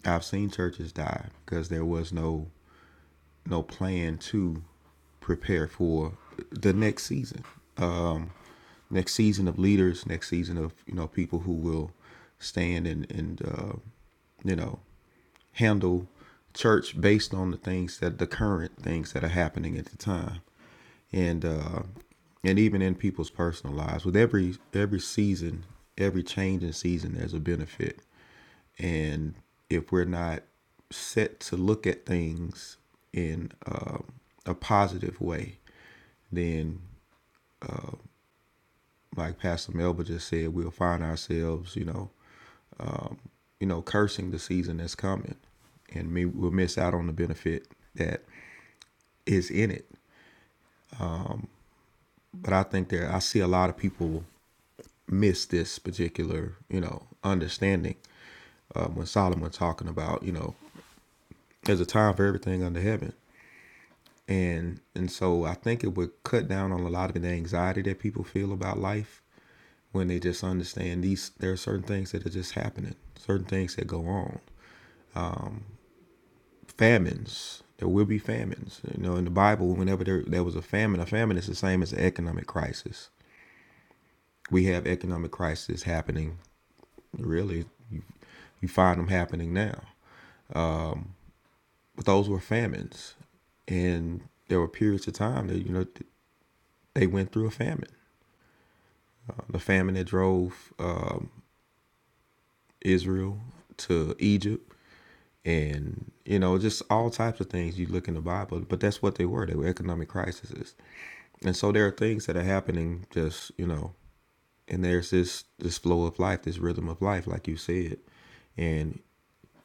D: i've seen churches die because there was no no plan to prepare for the next season next season of leaders, next season of you know people who will stand and and uh, you know handle church based on the things that the current things that are happening at the time, and uh, and even in people's personal lives. With every every season, every change in season, there's a benefit, and if we're not set to look at things in uh, a positive way, then like Pastor Melba just said, we'll find ourselves, you know, you know, cursing the season that's coming, and me we'll miss out on the benefit that is in it. But I think there, I see a lot of people miss this particular, you know, understanding uh, when Solomon talking about, you know, there's a time for everything under heaven, and and so I think it would cut down on a lot of the anxiety that people feel about life when they just understand these. There are certain things that are just happening, certain things that go on, famines. There will be famines. You know, in the Bible, whenever there, there was a famine, a famine is the same as an economic crisis. We have economic crisis happening. Really, you, you find them happening now. But those were famines, and there were periods of time that you know they went through a famine. Uh, the famine that drove um, Israel to Egypt. and you know just all types of things you look in the bible but that's what they were they were economic crises and so there are things that are happening just you know and there's this this flow of life this rhythm of life like you said and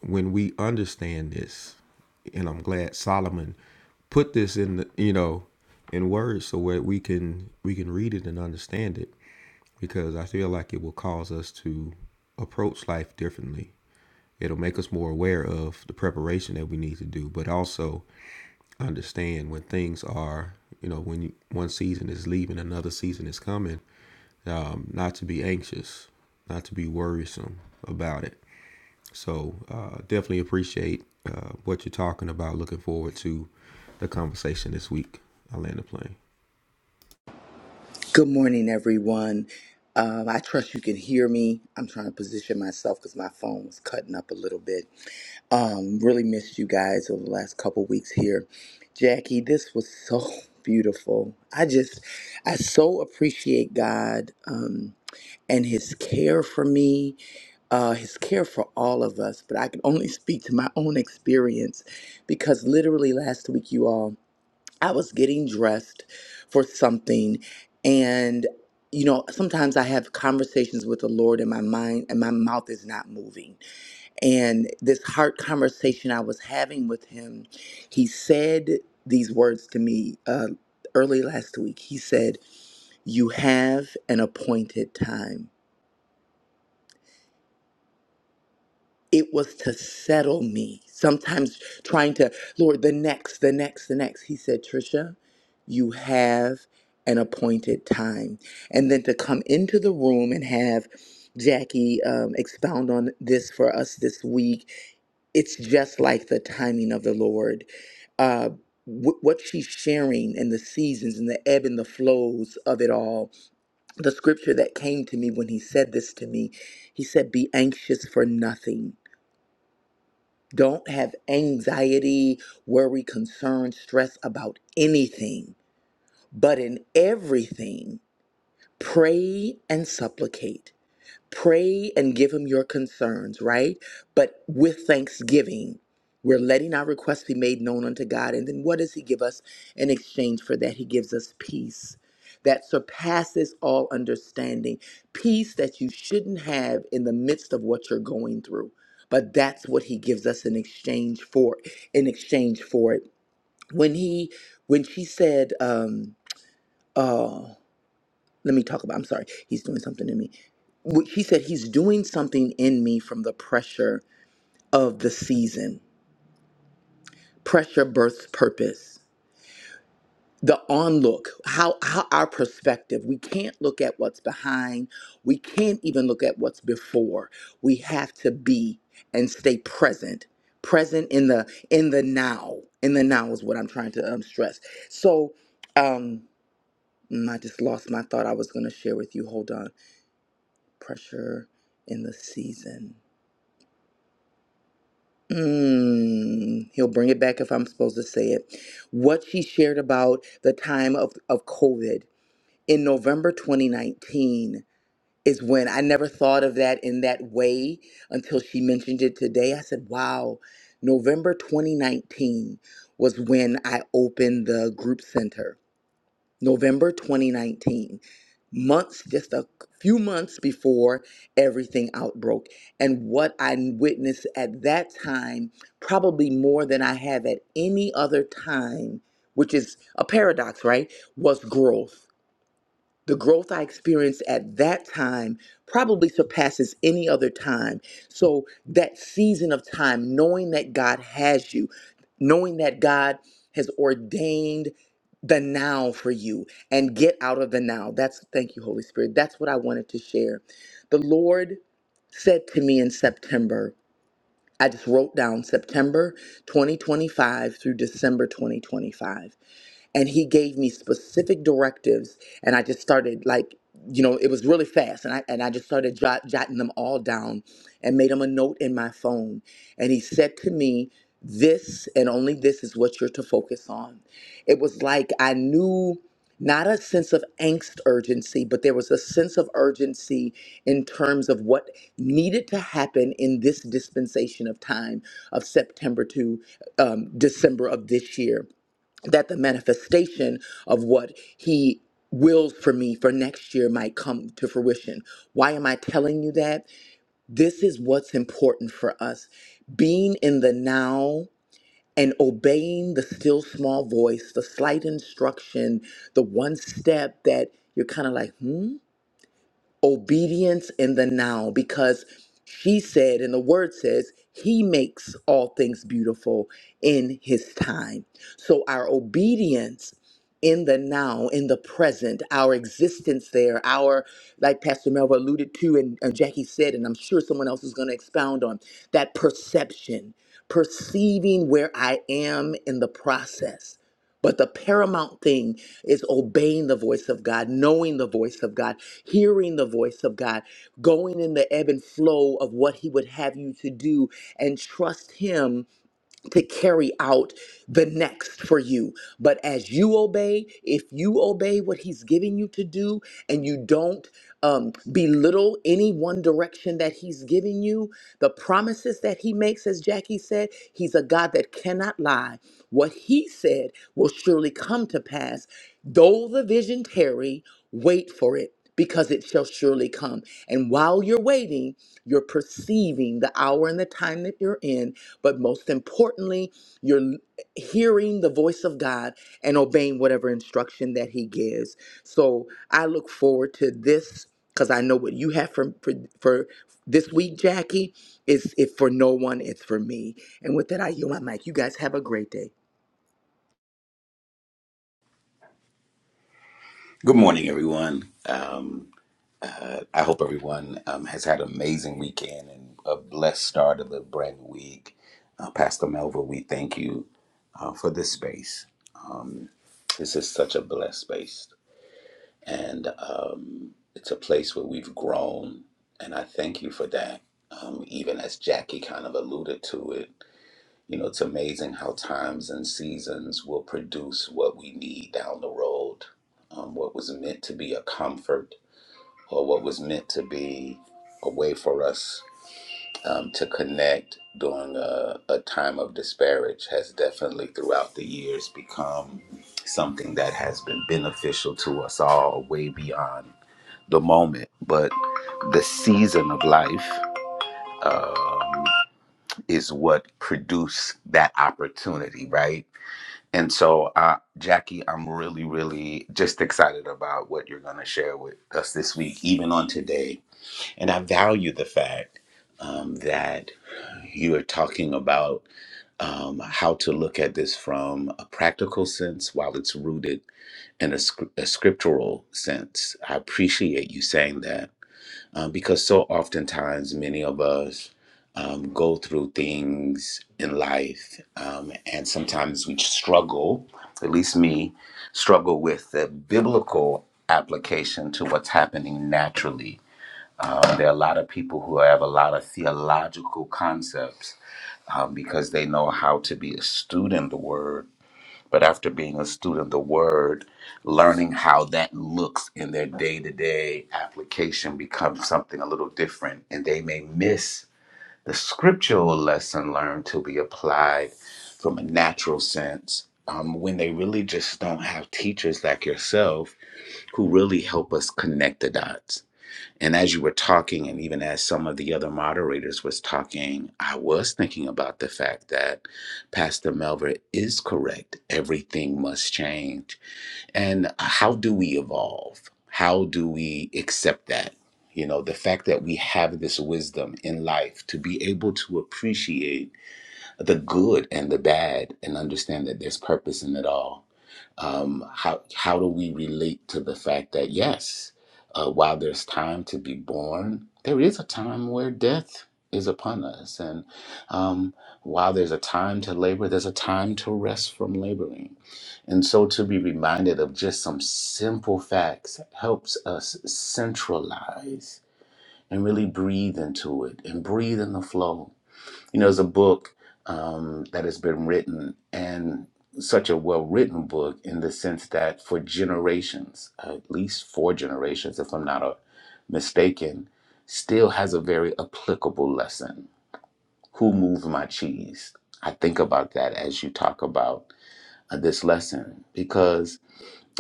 D: when we understand this, and I'm glad Solomon put this in the, you know in words so where we can we can read it and understand it because I feel like it will cause us to approach life differently. It'll make us more aware of the preparation that we need to do, but also understand when things are, you know, when you, one season is leaving, another season is coming, um, not to be anxious, not to be worrisome about it so uh, definitely appreciate uh, what you're talking about. Looking forward to the conversation this week. I land the plane.
F: Good morning, everyone. Um, I trust you can hear me. I'm trying to position myself because my phone was cutting up a little bit. Um, really missed you guys over the last couple weeks here. Jackie, this was so beautiful. I just, I so appreciate God um, and His care for me, uh, His care for all of us. But I can only speak to my own experience because literally last week, you all. I was getting dressed for something and you know sometimes I have conversations with the Lord in my mind and my mouth is not moving and this heart conversation I was having with him he said these words to me uh early last week he said you have an appointed time it was to settle me. Sometimes trying to, Lord, the next, the next, the next. He said, Trisha, you have an appointed time. And then to come into the room and have Jackie um, expound on this for us this week, it's just like the timing of the Lord. Uh, wh- what she's sharing and the seasons and the ebb and the flows of it all. The scripture that came to me when he said this to me, he said, Be anxious for nothing don't have anxiety, worry, concern, stress about anything, but in everything, pray and supplicate Pray and give him your concerns, right? But with thanksgiving, we're letting our requests be made known unto God. And then what does he give us in exchange for that? He gives us peace that surpasses all understanding, peace that you shouldn't have in the midst of what you're going through. But that's what he gives us in exchange for in exchange for it. When he when she said, um, oh, let me talk about i'm sorry he's doing something in me Wh- he said he's doing something in me from the pressure of the season pressure births purpose the onlook how, how our perspective we can't look at what's behind we can't even look at what's before we have to be and stay present present in the in the now in the now is what i'm trying to um, stress so um mm, i just lost my thought i was going to share with you hold on pressure in the season. Mm, he'll bring it back if I'm supposed to say it. What she shared about the time of, of COVID in November 2019 is when I never thought of that in that way until she mentioned it today. I said, wow, November 2019 was when I opened the group center November 2019, months, just a few months before everything outbroke. And what I witnessed at that time, probably more than I have at any other time, which is a paradox, right? Was growth the growth I experienced at that time probably surpasses any other time. So, that season of time, knowing that God has you, knowing that God has ordained the now for you and get out of the now. That's thank you, Holy Spirit. That's what I wanted to share. The Lord said to me in September, I just wrote down September 2025 through December 2025 and he gave me specific directives and i just started like you know it was really fast and i and i just started jot, jotting them all down and made him a note in my phone and he said to me this and only this is what you're to focus on it was like i knew not a sense of angst urgency but there was a sense of urgency in terms of what needed to happen in this dispensation of time of september to um, december of this year that the manifestation of what he wills for me for next year might come to fruition. Why am I telling you that? This is what's important for us. Being in the now and obeying the still small voice, the slight instruction, the one step that you're kind of like, hmm? obedience in the now because she said, and the word says, He makes all things beautiful in His time. So our obedience in the now, in the present, our existence there, our, like Pastor Melva alluded to and, and Jackie said, and I'm sure someone else is going to expound on that perception, perceiving where I am in the process but the paramount thing is obeying the voice of God, knowing the voice of God, hearing the voice of God, going in the ebb and flow of what He would have you to do, and trust Him to carry out the next for you. But as you obey, if you obey what He's giving you to do and you don't um, belittle any one direction that He's giving you, the promises that He makes, as Jackie said, He's a God that cannot lie. What He said will surely come to pass. Though the vision tarry, Wait for it because it shall surely come. And while you're waiting, you're perceiving the hour and the time that you're in. But most importantly, you're l- hearing the voice of God and obeying whatever instruction that He gives. So I look forward to this because I know what you have for, for, for this week, Jackie. Is if for no one, it's for me. And with that, I yield my mic. You guys have a great day.
G: Good morning, everyone. Um, uh, I hope everyone um, has had an amazing weekend and a blessed start of the brand new week. Uh, Pastor Melville, we thank you uh, for this space. Um, this is such a blessed space, and um, it's a place where we've grown, and I thank you for that. Um, even as Jackie kind of alluded to it, you know, it's amazing how times and seasons will produce what we need down the road. Um, what was meant to be a comfort or what was meant to be a way for us um, to connect during a, a time of disparage has definitely throughout the years become something that has been beneficial to us all way beyond the moment. But the season of life um, is what produced that opportunity, right? And so, uh, Jackie, I'm really, really just excited about what you're going to share with us this week, even on today. And I value the fact um, that you are talking about um, how to look at this from a practical sense while it's rooted in a, scr- a scriptural sense. I appreciate you saying that uh, because so oftentimes many of us um, go through things in life, um, and sometimes we struggle, at least me, struggle with the biblical application to what's happening naturally. Um, there are a lot of people who have a lot of theological concepts um, because they know how to be a student of the word but after being a student of the word, learning how that looks in their day to day application becomes something a little different. And they may miss the scriptural lesson learned to be applied from a natural sense um, when they really just don't have teachers like yourself who really help us connect the dots and as you were talking, and even as some of the other moderators was talking, I was thinking about the fact that Pastor Melver is correct. Everything must change. And uh, how do we evolve? How do we accept that? You know, the fact that we have this wisdom in life to be able to appreciate the good and the bad and understand that there's purpose in it all. Um, how how do we relate to the fact that yes, uh, while there's time to be born, there is a time where death is upon us, and um, while there's a time to labor, there's a time to rest from laboring, and so to be reminded of just some simple facts helps us centralize and really breathe into it and breathe in the flow you know, there's a book um, that has been written, and such a well written book in the sense that for generations, at least four generations, if I'm not uh, mistaken, still has a very applicable lesson. Who moved my cheese? I think about that as you talk about uh, this lesson because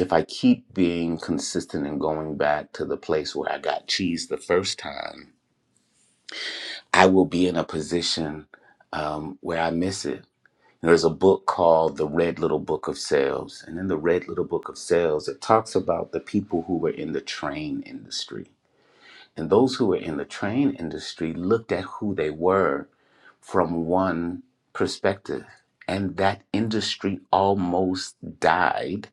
G: if I keep being consistent and going back to the place where I got cheese the first time, I will be in a position um, where I miss it There's a book called The Red Little Book of Sales. And in The Red Little Book of Sales, it talks about the people who were in the train industry. And those who were in the train industry looked at who they were from one perspective. And that industry almost died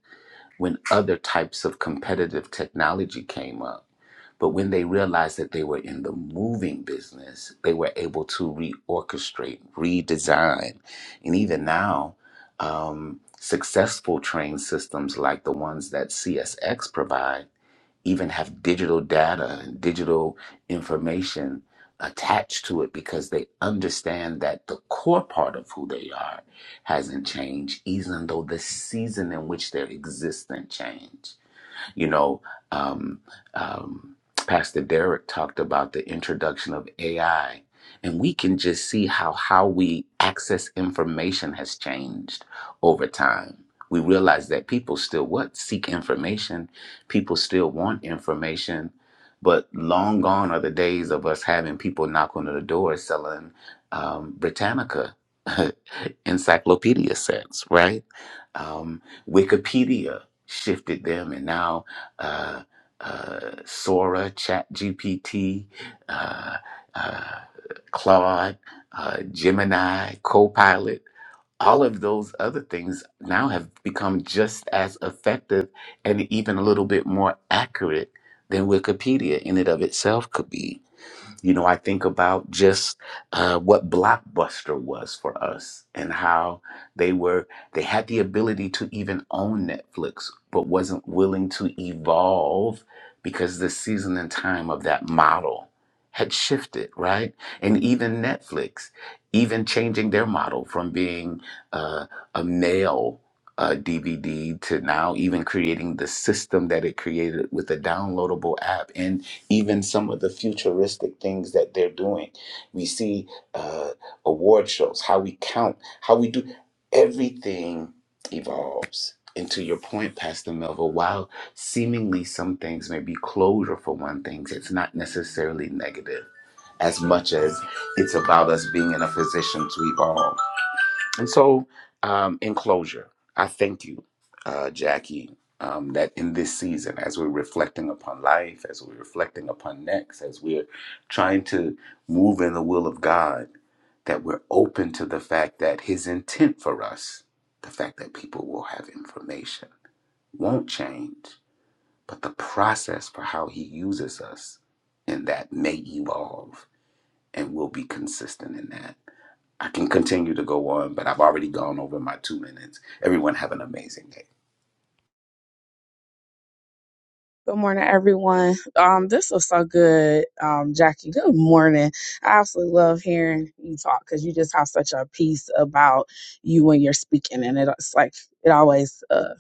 G: when other types of competitive technology came up but when they realized that they were in the moving business, they were able to reorchestrate, redesign. And even now, um, successful train systems like the ones that CSX provide even have digital data and digital information attached to it because they understand that the core part of who they are hasn't changed, even though the season in which they're existent changed you know, um, um, Pastor Derek talked about the introduction of AI, and we can just see how how we access information has changed over time. We realize that people still what seek information, people still want information, but long gone are the days of us having people knock on the door selling um, Britannica encyclopedia sets, right? Um, Wikipedia shifted them, and now uh, uh, Sora, ChatGPT, uh, uh, Claude, uh, Gemini, Copilot, all of those other things now have become just as effective and even a little bit more accurate than Wikipedia in and of itself could be. You know, I think about just uh, what Blockbuster was for us and how they were, they had the ability to even own Netflix, but wasn't willing to evolve because the season and time of that model had shifted, right? And even Netflix, even changing their model from being uh, a mail uh, DVD to now even creating the system that it created with a downloadable app. and even some of the futuristic things that they're doing. We see uh, award shows, how we count, how we do everything evolves. And to your point, Pastor Melville, while seemingly some things may be closure for one thing, it's not necessarily negative as much as it's about us being in a position to evolve. And so, um, in closure, I thank you, uh, Jackie, um, that in this season, as we're reflecting upon life, as we're reflecting upon next, as we're trying to move in the will of God, that we're open to the fact that His intent for us, the fact that people will have information, won't change, but the process for how He uses us in that may evolve and we'll be consistent in that. I can continue to go on, but I've already gone over my two minutes. Everyone have an amazing day.
H: Good morning, everyone. Um, this was so good, um, Jackie. Good morning. I absolutely love hearing you talk because you just have such a piece about you when you're speaking, and it- it's like it always uh,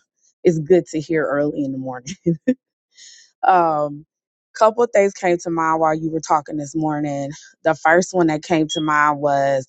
H: is good to hear early in the morning. Um, couple of things came to mind while you were talking this morning. The first one that came to mind was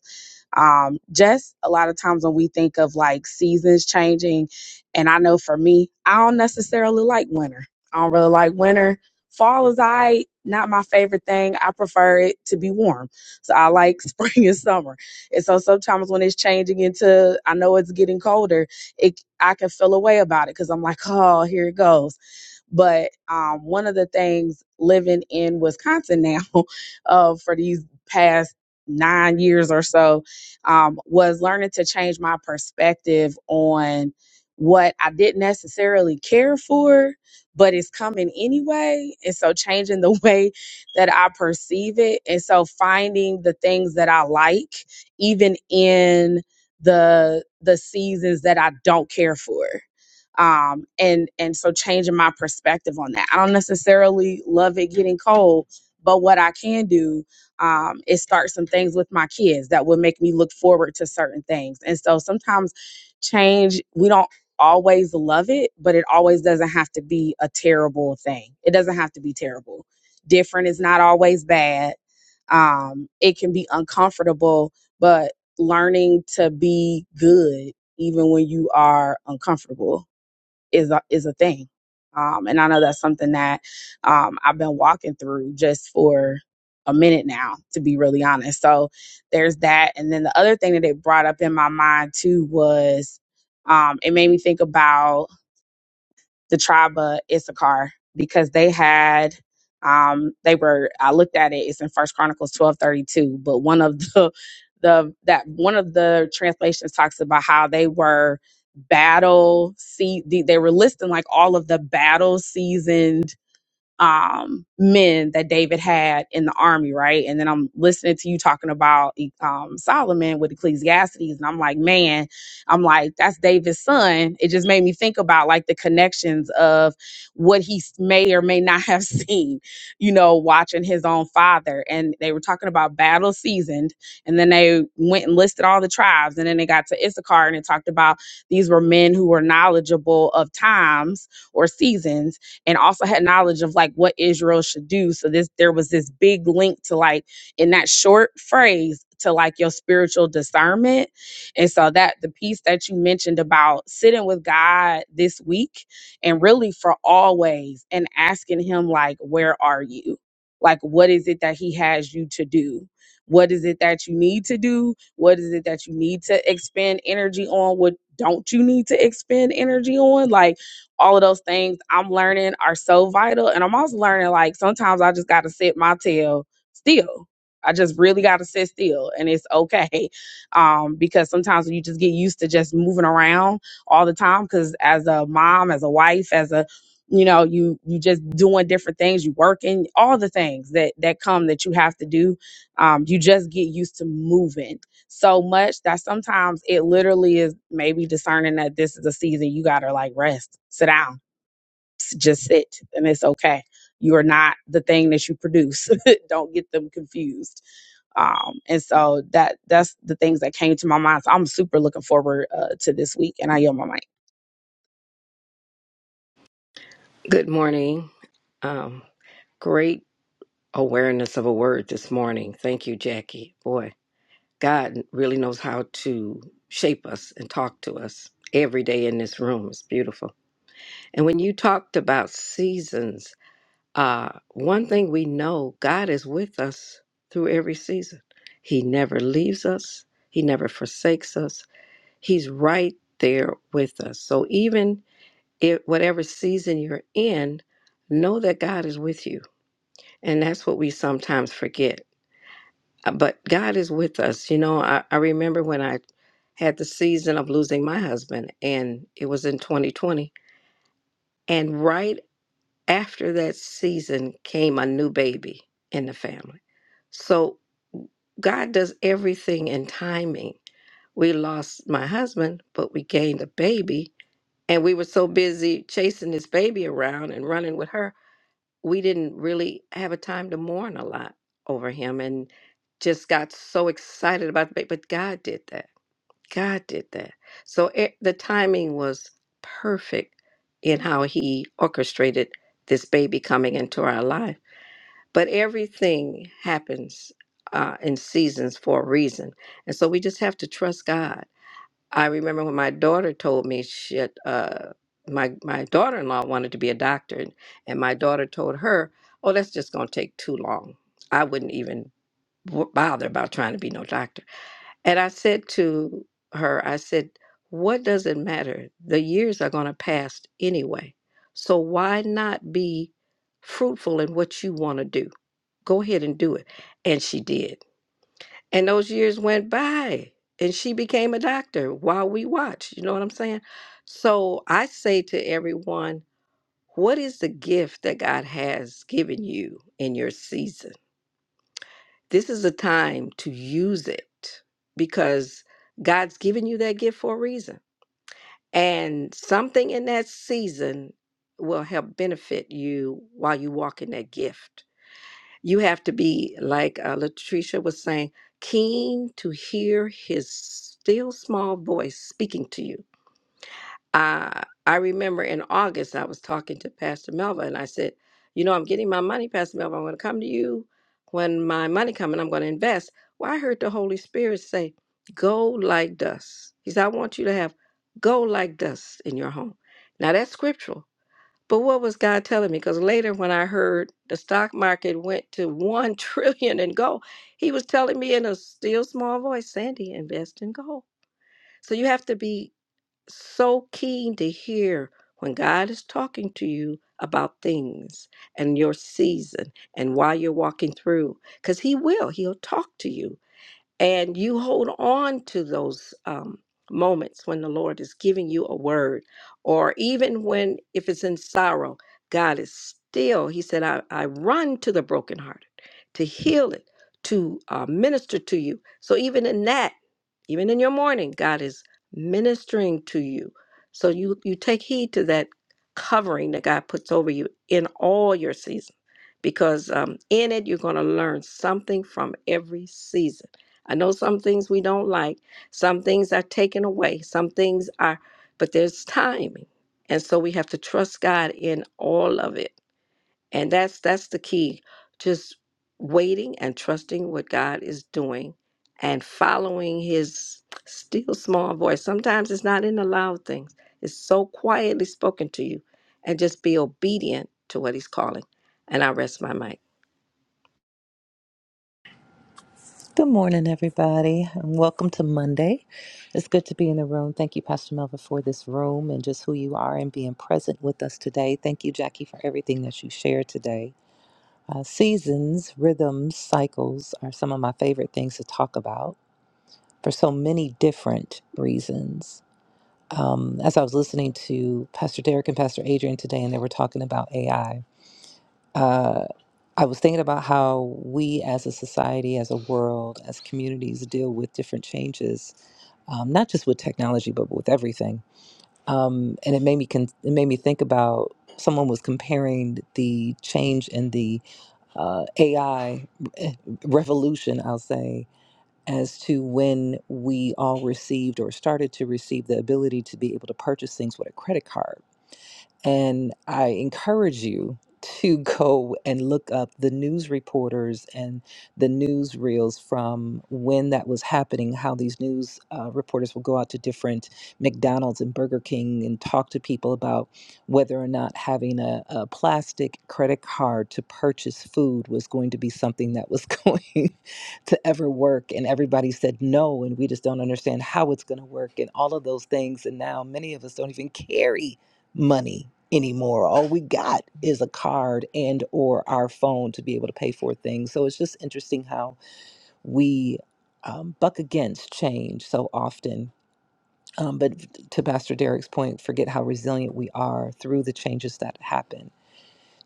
H: Um, just a lot of times when we think of like seasons changing, and I know for me, I don't necessarily like winter. I don't really like winter. Fall is I not my favorite thing. I prefer it to be warm. So I like spring and summer. And so sometimes when it's changing into I know it's getting colder, it I can feel a way about it because I'm like, oh, here it goes but um, one of the things living in Wisconsin now uh, for these past nine years or so um, was learning to change my perspective on what I didn't necessarily care for, but it's coming anyway. And so changing the way that I perceive it. And so finding the things that I like, even in the the seasons that I don't care for um, and and so changing my perspective on that. I don't necessarily love it getting cold, but what I can do um, is start some things with my kids that would make me look forward to certain things. And so sometimes change we don't always love it, but it always doesn't have to be a terrible thing. It doesn't have to be terrible. Different is not always bad. Um, it can be uncomfortable, but learning to be good even when you are uncomfortable is a, is a thing. Um, and I know that's something that um, I've been walking through just for a minute now, to be really honest. So there's that. And then the other thing that it brought up in my mind too was um, it made me think about the tribe of Issachar because they had um they were I looked at it, it's in First Chronicles twelve thirty two, but one of the the that one of the translations talks about how they were battle see they they were listing like all of the battle seasoned um, men that David had in the army, right? And then I'm listening to you talking about um, Solomon with Ecclesiastes, and I'm like, man, I'm like, that's David's son. It just made me think about like the connections of what he s- may or may not have seen, you know, watching his own father. And they were talking about battle seasoned, and then they went and listed all the tribes, and then they got to Issachar and it talked about these were men who were knowledgeable of times or seasons and also had knowledge of like what Israel should do. So this there was this big link to like in that short phrase to like your spiritual discernment. And so that the piece that you mentioned about sitting with God this week and really for always and asking him like where are you? Like what is it that he has you to do? What is it that you need to do? What is it that you need to expend energy on? What don't you need to expend energy on? Like all of those things I'm learning are so vital. And I'm also learning like sometimes I just got to sit my tail still. I just really got to sit still and it's okay. Um, because sometimes when you just get used to just moving around all the time, because as a mom, as a wife, as a, you know, you, you just doing different things, you working, all the things that, that come that you have to do. Um, you just get used to moving so much that sometimes it literally is maybe discerning that this is a season you gotta like rest, sit down, s- just sit, and it's okay. You are not the thing that you produce. Don't get them confused. Um, and so that that's the things that came to my mind. So I'm super looking forward uh, to this week, and I yell my mic.
C: Good morning. Um, great awareness of a word this morning. Thank you, Jackie. Boy, God really knows how to shape us and talk to us every day in this room. It's beautiful. And when you talked about seasons, uh, one thing we know God is with us through every season. He never leaves us, He never forsakes us. He's right there with us. So even it, whatever season you're in, know that God is with you. And that's what we sometimes forget. Uh, But God is with us. You know, I, I remember when I had the season of losing my husband, and it was in 2020. And right after that season came a new baby in the family. So God does everything in timing. We lost my husband, but we gained a baby. And we were so busy chasing this baby around and running with her we didn't really have a time to mourn a lot over him and just got so excited about the baby. But God did that. God did that. So it, the timing was perfect in how he orchestrated this baby coming into our life. But everything happens uh, in seasons for a reason. And so we just have to trust God I remember when my daughter told me she had, uh, my my daughter-in-law wanted to be a doctor, and my daughter told her, "Oh, that's just going to take too long. I wouldn't even w- bother about trying to be no doctor." And I said to her, I said, "What does it matter? The years are going to pass anyway. So why not be fruitful in what you want to do? Go ahead and do it." And she did and those years went by and she became a doctor while we watched. You know what I'm saying? So I say to everyone, what is the gift that God has given you in your season? This is a time to use it because God's given you that gift for a reason. And something in that season will help benefit you while you walk in that gift. You have to be, like uh, Latricia was saying, keen to hear his still small voice speaking to you. Uh, I remember in August, I was talking to Pastor Melva and I said, You know, I'm getting my money, Pastor Melva. I'm going to come to you when my money comes and I'm going to invest. Well, I heard the Holy Spirit say, Go like dust. He said, I want you to have go like dust in your home. Now, that's scriptural but what was God telling me? Because later, when I heard the stock market went to one trillion in gold, He was telling me in a still small voice, Sandy, invest in gold. So you have to be so keen to hear when God is talking to you about things and your season and why you're walking through, because He will. He'll talk to you and you hold on to those um, moments when the Lord is giving you a word, or even when, if it's in sorrow, God is still, He said, I, I run to the brokenhearted to heal it, to uh, minister to you. So even in that, even in your morning, God is ministering to you. So you you take heed to that covering that God puts over you in all your seasons, because um, in it you're going to learn something from every season. I know some things we don't like, some things are taken away, some things are, but there's timing, and so we have to trust God in all of it. And that's that's the key. Just waiting and trusting what God is doing and following his still small voice. Sometimes it's not in the loud things. It's so quietly spoken to you and just be obedient to what he's calling. And I rest my mic.
I: Good morning, everybody, and welcome to Monday. It's good to be in the room. Thank you, Pastor Melva, for this room and just who you are and being present with us today. Thank you, Jackie, for everything that you shared today. Uh, seasons, rhythms, cycles are some of my favorite things to talk about for so many different reasons. As I was listening to Pastor Derek and Pastor Adrian today, and they were talking about AI. Uh, I was thinking about how we as a society, as a world, as communities deal with different changes um, not just with technology, but with everything. Um, and it made me con- it made me think about someone was comparing the change in the uh, AI eh, revolution, I'll say, as to when we all received or started to receive the ability to be able to purchase things with a credit card and I encourage you to go and look up the news reporters and the news reels from when that was happening, how these news uh, reporters will go out to different McDonald's and Burger King and talk to people about whether or not having a, a plastic credit card to purchase food was going to be something that was going to ever work. And everybody said no, and we just don't understand how it's going to work and all of those things. And now many of us don't even carry money anymore. All we got is a card and or our phone to be able to pay for things. So it's just interesting how we um, buck against change so often. Um, but to Pastor Derek's point, forget how resilient we are through the changes that happen.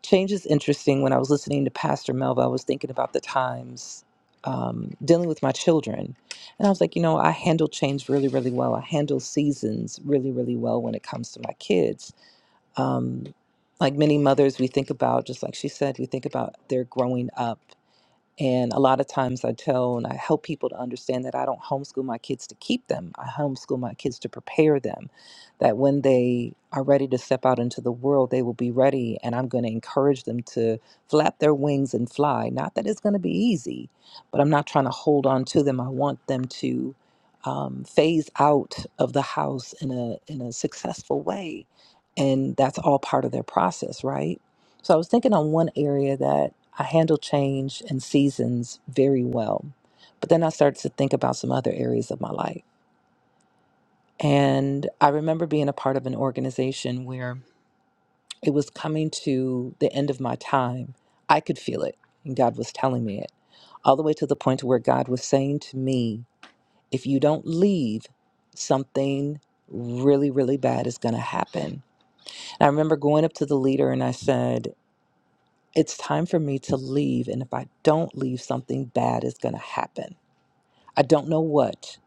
I: Change is interesting. When I was listening to Pastor Melva, I was thinking about the times um, dealing with my children. And I was like, you know, I handle change really, really well. I handle seasons really, really well when it comes to my kids um, like many mothers, we think about, just like she said, we think about their growing up and a lot of times I tell and I help people to understand that I don't homeschool my kids to keep them. I homeschool my kids to prepare them that when they are ready to step out into the world, they will be ready. And I'm going to encourage them to flap their wings and fly. Not that it's going to be easy, but I'm not trying to hold on to them. I want them to. Um, phase out of the house in a in a successful way, and that's all part of their process, right? So I was thinking on one area that I handle change and seasons very well. But then I started to think about some other areas of my life. And I remember being a part of an organization where it was coming to the end of my time. I could feel it, and God was telling me it, all the way to the point where God was saying to me, if you don't leave, something really, really bad is going to happen. And I remember going up to the leader and I said, it's time for me to leave. And if I don't leave, something bad is going to happen. I don't know what,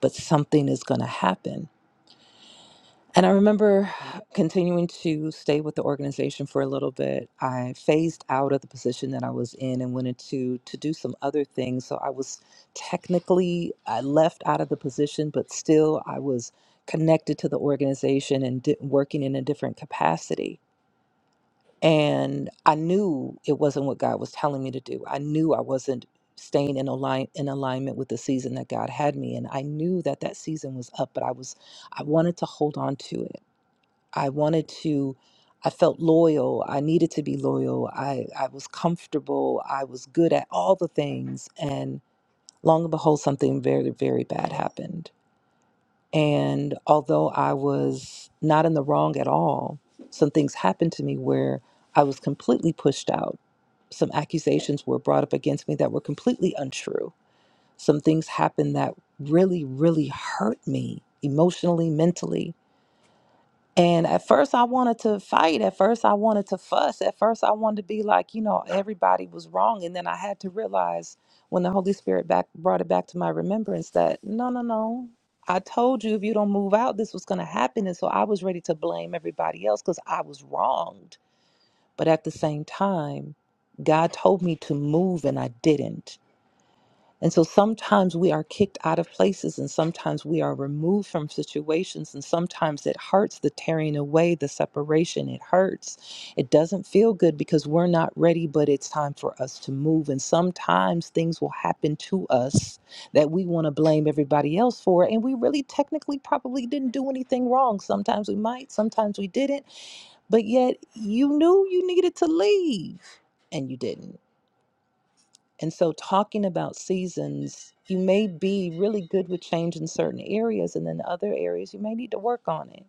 I: but something is going to happen. And I remember continuing to stay with the organization for a little bit. I phased out of the position that I was in and went into to do some other things. So I was technically I left out of the position, but still I was connected to the organization and di- working in a different capacity and I knew it wasn't what God was telling me to do. I knew I wasn't staying in align in alignment with the season that God had me in. I knew that that season was up, but I was I wanted to hold on to it. I wanted to I felt loyal. I needed to be loyal. I I was comfortable. I was good at all the things and long and behold something very very bad happened and although I was not in the wrong at all, some things happened to me where I was completely pushed out. Some accusations were brought up against me that were completely untrue. Some things happened that really, really hurt me emotionally, mentally and at first, I wanted to fight. At first, I wanted to fuss. At first, I wanted to be like, you know, everybody was wrong. And then I had to realize when the Holy Spirit back brought it back to my remembrance that no, no, no. I told you if you don't move out, this was going to happen. And so I was ready to blame everybody else because I was wronged. But at the same time, God told me to move and I didn't. And so sometimes we are kicked out of places, and sometimes we are removed from situations, and sometimes it hurts the tearing away, the separation. It hurts. It doesn't feel good because we're not ready, but it's time for us to move. And sometimes things will happen to us that we want to blame everybody else for, and we really technically probably didn't do anything wrong. Sometimes we might, sometimes we didn't, but yet you knew you needed to leave and you didn't and so, talking about seasons, you may be really good with change in certain areas, and then other areas you may need to work on it.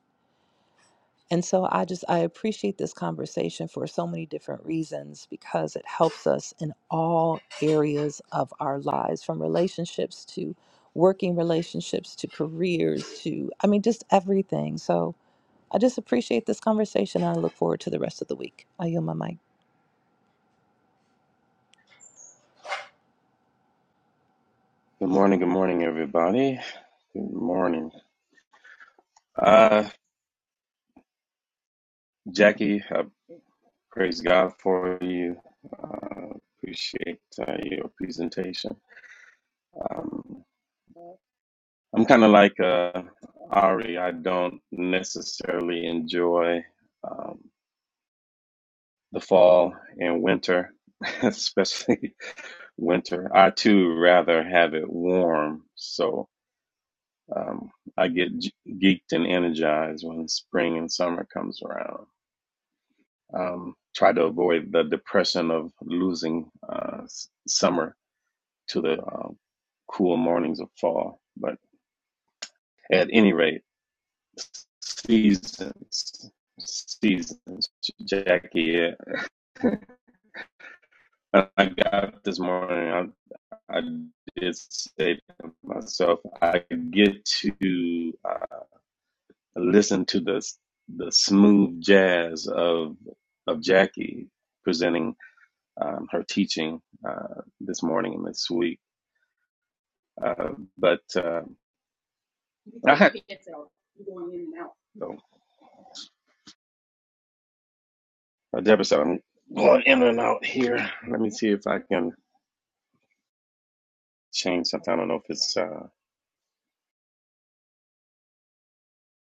I: And so, I just I appreciate this conversation for so many different reasons because it helps us in all areas of our lives, from relationships to working relationships to careers to I mean, just everything. So, I just appreciate this conversation. and I look forward to the rest of the week. I yield my mic.
J: Good morning, good morning, everybody. Good morning. Uh, Jackie, I praise God for you. Uh, appreciate uh, your presentation. Um, I'm kind of like uh, Ari. I don't necessarily enjoy um, the fall and winter, especially winter. I too rather have it warm. So um, I get ge- geeked and energized when spring and summer comes around. um, try to avoid the depression of losing uh, s- summer to the um, cool mornings of fall. But at any rate, seasons, seasons, Jackie. uh, I got this morning. I, I did say to myself, I get to uh, listen to the the smooth jazz of of Jackie presenting um, her teaching uh, this morning and this week Uh, but uh, I had, so, uh, Deborah said, I'm going in and out here. Let me see if I can change something. I don't know if it's, uh,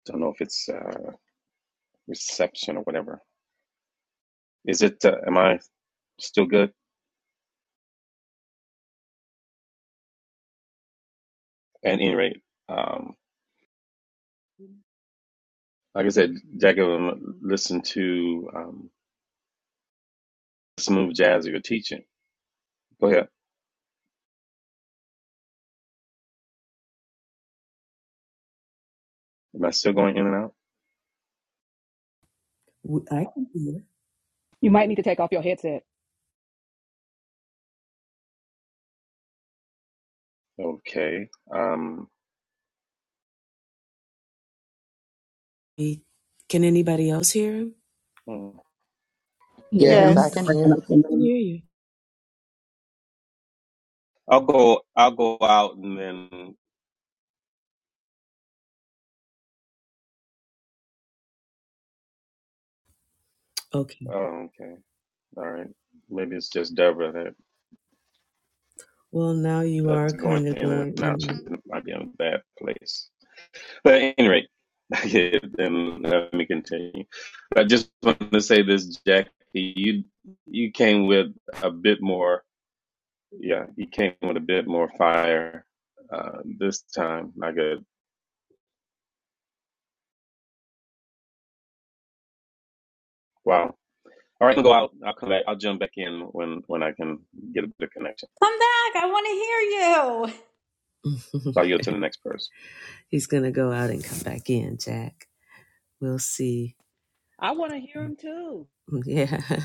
J: don't know if it's uh, reception or whatever. Is it? Uh, am I still good? At any rate, um, like I said, Jacob, listen to um, smooth jazz that you're teaching. Go ahead. Am I still going in and out?
A: I can hear.
K: You might need to take off your headset.
J: Okay. Um,
A: Hey, Can anybody else hear him? I
J: hmm.
H: Hear
F: Yes, I
E: Yes.
F: can hear.
A: can
H: him.
A: hear you.
J: I'll go. I'll go out and then.
A: Okay.
J: Oh, okay. All right. Maybe it's just Deborah that
A: Well, now you are
J: that's going
A: kind of
J: in and
A: going.
J: out. She
A: in
J: might be in a bad place. But at any rate, yeah, then let me continue. I just wanted to say this, Jackie. You you came with a bit more. Yeah, you came with a bit more fire uh, this time. My good. Wow. All right, I'll go out. I'll come back. I'll jump back in when when I can get a good connection.
B: Come back. I want to hear you.
A: and out.
J: I'll yield to the next person.
A: He's going to go out and come back in, Jack. We'll see.
K: I want to hear him too.
A: Yeah.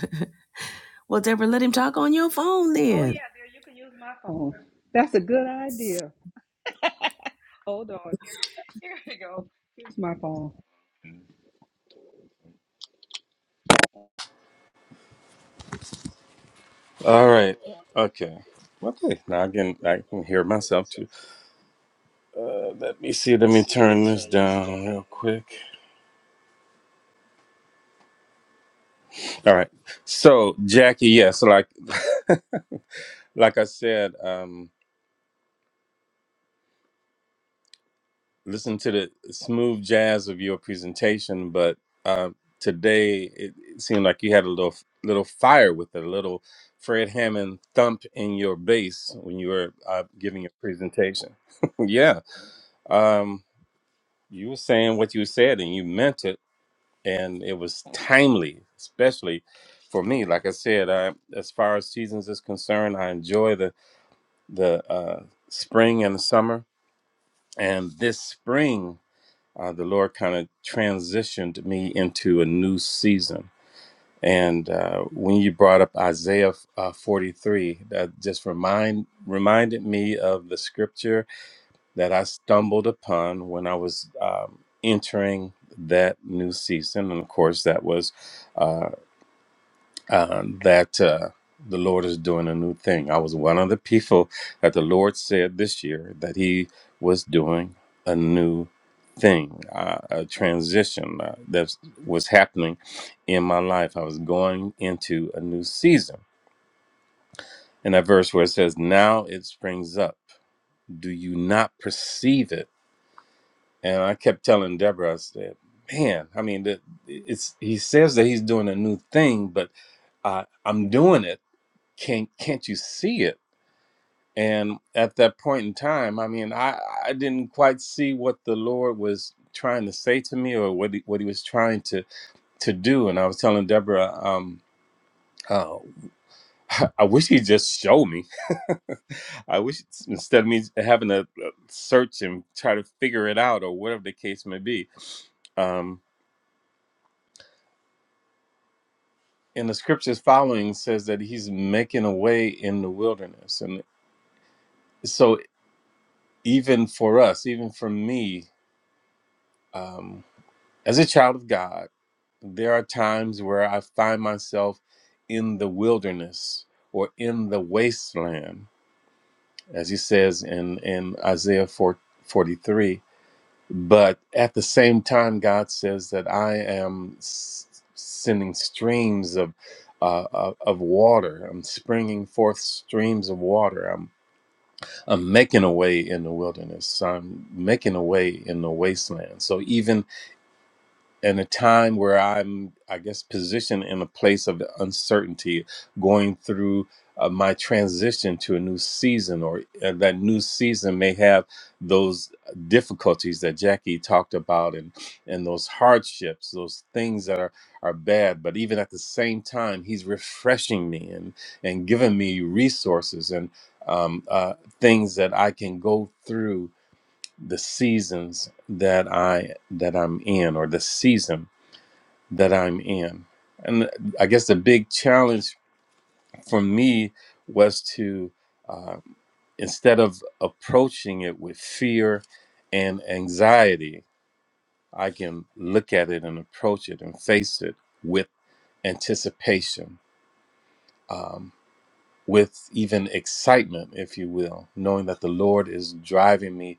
A: well, Deborah, let him talk on your phone
K: Oh,
A: then.
K: yeah. Oh, that's a good idea. Hold on. Here, here we go. Here's my phone. All right. Okay. Okay. Now I can I can hear myself too. Uh, Let me see. Let me turn this down real quick. All right. So Jackie, yes, like like I said, um, listen to the smooth jazz of your presentation, but uh, today it, it seemed like you had a little little fire with it, a little Fred Hammond thump in your bass when you were uh, giving your presentation. yeah, um, you were saying what you said and you meant it, and it was timely, especially for me. Like I said, I, as far as seasons is concerned, I enjoy the the uh, spring and the summer, and this spring. uh, the Lord kind of transitioned me into a new season. And uh, when you brought up Isaiah uh, 43, that just remind reminded me of the scripture that I stumbled upon when I was um, entering that new season. And of course, that was uh, that uh, the Lord is doing a new thing. I was one of the people that the Lord said this year that He was doing a new thing, uh, a transition uh, that was happening in my life. I was going into a new season. And that verse where it says, Now it springs up. Do you not perceive it? And I kept telling Deborah, I said, Man, I mean, the- it's he says that he's doing a new thing, but I, I'm doing it. Can't can't you see it? And at that point in time, I mean, I, I didn't quite see what the Lord was trying to say to me or what he, what he was trying to to do. And I was telling Deborah, um, oh, I wish he just showed me. I wish instead of me having to uh, search and try to figure it out or whatever the case may be. Um, and the scriptures following says that he's making a way in the wilderness. And so even for us, even for me, um, as a child of God, there are times where I find myself in the wilderness or in the wasteland, as he says in, in Isaiah 4, 43. But at the same time, God says that I am s- sending streams of, uh, of of water. I'm springing forth streams of water. I'm, I'm making a way in the wilderness. I'm making a way in the wasteland. So even in a time where I'm, I guess, positioned in a place of uncertainty, going through uh, my transition to a new season, or uh, that new season may have those difficulties that Jackie talked about, and and those hardships, those things that are are bad. But even at the same time, He's refreshing me and and giving me resources and um, uh, things that I can go through the seasons that I that I'm in, or the season that I'm in. And I guess the big challenge for me was to, uh, instead of approaching it with fear and anxiety, I can look at it and approach it and face it with anticipation, um, with even excitement, if you will, knowing that the Lord is driving me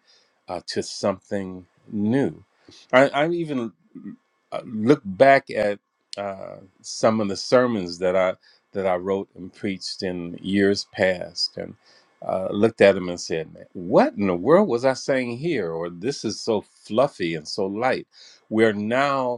K: uh, to something new. I, I'm even uh, look back at uh, some of the sermons that I that I wrote and preached in years past, and uh, looked at them and said, "What in the world was I saying here?" Or this is so fluffy and so light. We're now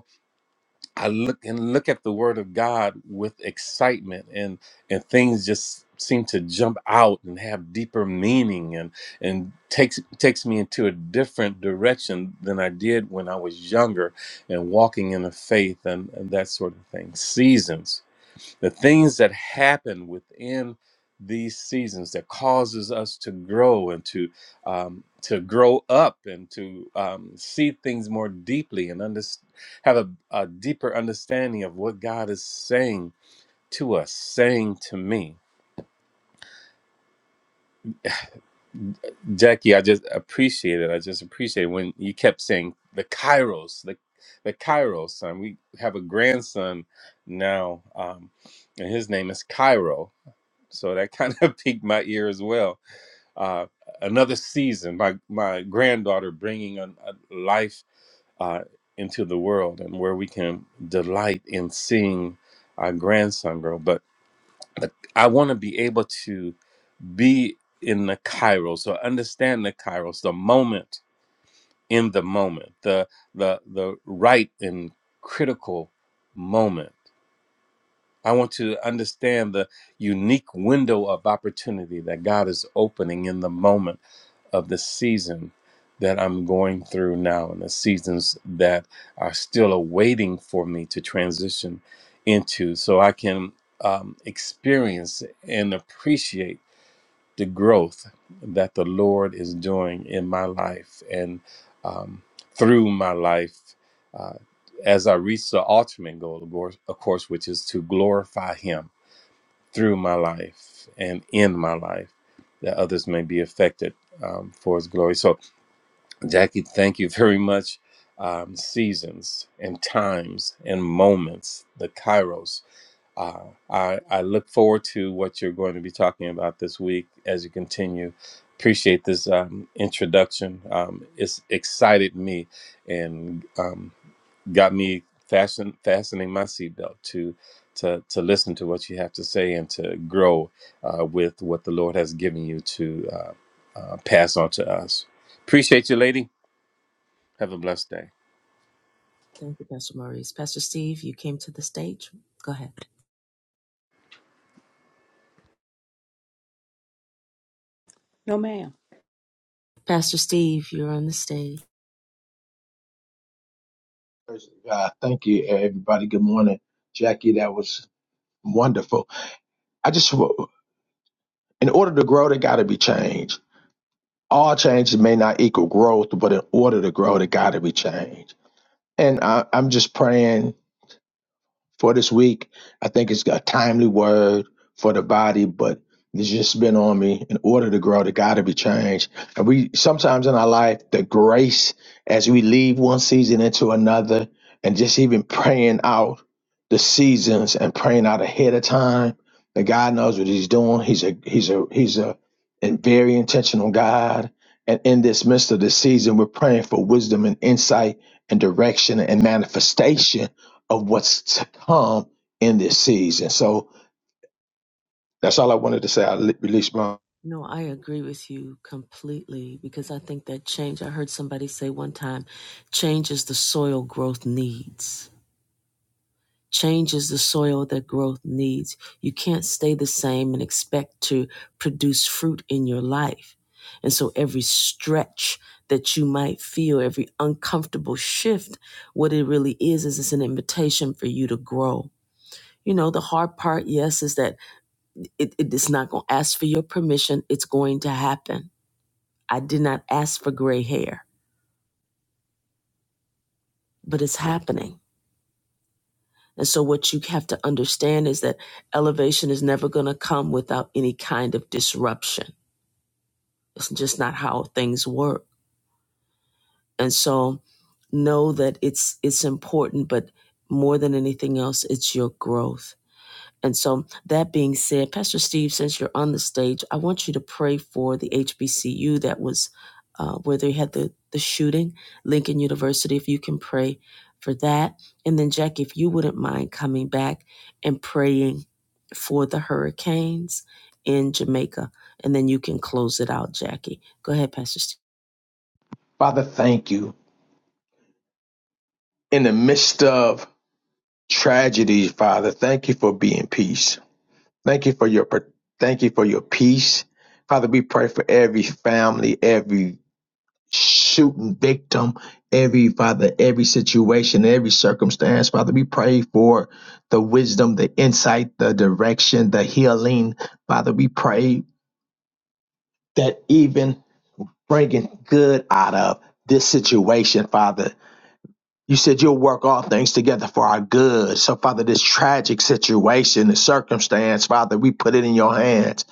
K: I look and look at the Word of God with excitement, and and things just seem to jump out and have deeper meaning, and and takes takes me into a different direction than I did when I was younger, and walking in the faith and, and that sort of thing. Seasons the things that happen within these seasons that causes us to grow and to um, to grow up and to um, see things more deeply and under, have a, a deeper understanding of what God is saying to us, saying to me. Jackie, I just appreciate it. I just appreciate it when you kept saying the Kairos, the the Kairos son. We have a grandson now, um, and his name is Cairo. So that kind of piqued my ear as well uh, another season. My my granddaughter bringing a, a life uh, into the world, and where we can delight in seeing our grandson grow. But, but I want to be able to be in the Kairos or understand the Kairos, the moment in the moment, the the the right and critical moment. I want to understand the unique window of opportunity that God is opening in the moment of the season that I'm going through now and the seasons that are still awaiting for me to transition into so I can um, experience and appreciate the growth that the Lord is doing in my life and um, through my life as I reach the ultimate goal, of course, of course, which is to glorify Him through my life and in my life that others may be affected um, for His glory. So Jackie, thank you very much. Um, seasons and times and moments, the Kairos. Uh, I, I look forward to what you're going to be talking about this week as you continue. Appreciate this um, introduction. Um, it's excited me and um, got me fasten, fastening my seatbelt to, to, to listen to what you have to say and to grow uh, with what the Lord has given you to uh, uh, pass on to us. Appreciate you, lady. Have a blessed day.
A: Thank you, Pastor Maurice. Pastor Steve, you came to the stage. Go ahead.
K: No, ma'am.
A: Pastor Steve, you're on the stage.
L: Praise God. Thank you, everybody. Good morning, Jackie. That was wonderful. I just, in order to grow, there got to be change. All changes may not equal growth, but in order to grow, there got to be change. And I, I'm just praying for this week. I think it's a timely word for the body, but it's just been on me. In order to grow, the got to be changed. And we sometimes in our life, the grace as we leave one season into another, and just even praying out the seasons and praying out ahead of time. That God knows what He's doing. He's a He's a He's a and very intentional God. And in this midst of the season, we're praying for wisdom and insight and direction and manifestation of what's to come in this season. So that's all I wanted to say. I release my
A: No, I agree with you completely because I think that change, I heard somebody say one time, change is the soil growth needs. Change is the soil that growth needs. You can't stay the same and expect to produce fruit in your life. And so every stretch that you might feel, every uncomfortable shift, what it really is, is it's an invitation for you to grow. You know, the hard part, yes, is that It, it is not going to ask for your permission. It's going to happen. I did not ask for gray hair, but it's happening. And so, what you have to understand is that elevation is never going to come without any kind of disruption. It's just not how things work. And so, know that it's it's important, but more than anything else, it's your growth And so, that being said, Pastor Steve, since you're on the stage, I want you to pray for the HBCU that was uh, where they had the, the shooting, Lincoln University, if you can pray for that. And then, Jack, if you wouldn't mind coming back and praying for the hurricanes in Jamaica. And then you can close it out, Jackie. Go ahead, Pastor Steve.
L: Father. Thank you in the midst of tragedy, Father. Thank you for being peace. Thank you for your thank you for your peace, Father. We pray for every family, every shooting victim, every Father, every situation, every circumstance, Father. We pray for the wisdom, the insight, the direction, the healing, Father. We pray that even bringing good out of this situation, Father. You said you'll work all things together for our good. So, Father, this tragic situation, the circumstance, Father, we put it in your hands.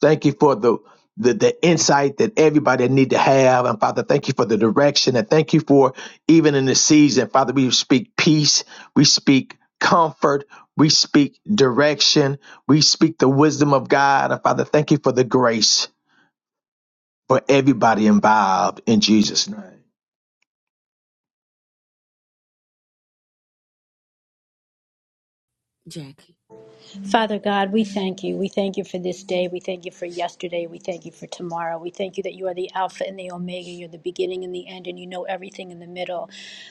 L: Thank you for the the, the insight that everybody need to have. And Father, thank you for the direction. And thank you for even in this season, Father, we speak peace. We speak comfort. We speak direction. We speak the wisdom of God. And Father, thank you for the grace for everybody involved in Jesus' name.
A: Jackie.
B: Father God, we thank you. We thank you for this day. We thank you for yesterday. We thank you for tomorrow. We thank you that you are the Alpha and the Omega. You're the beginning and the end, and you know everything in the middle.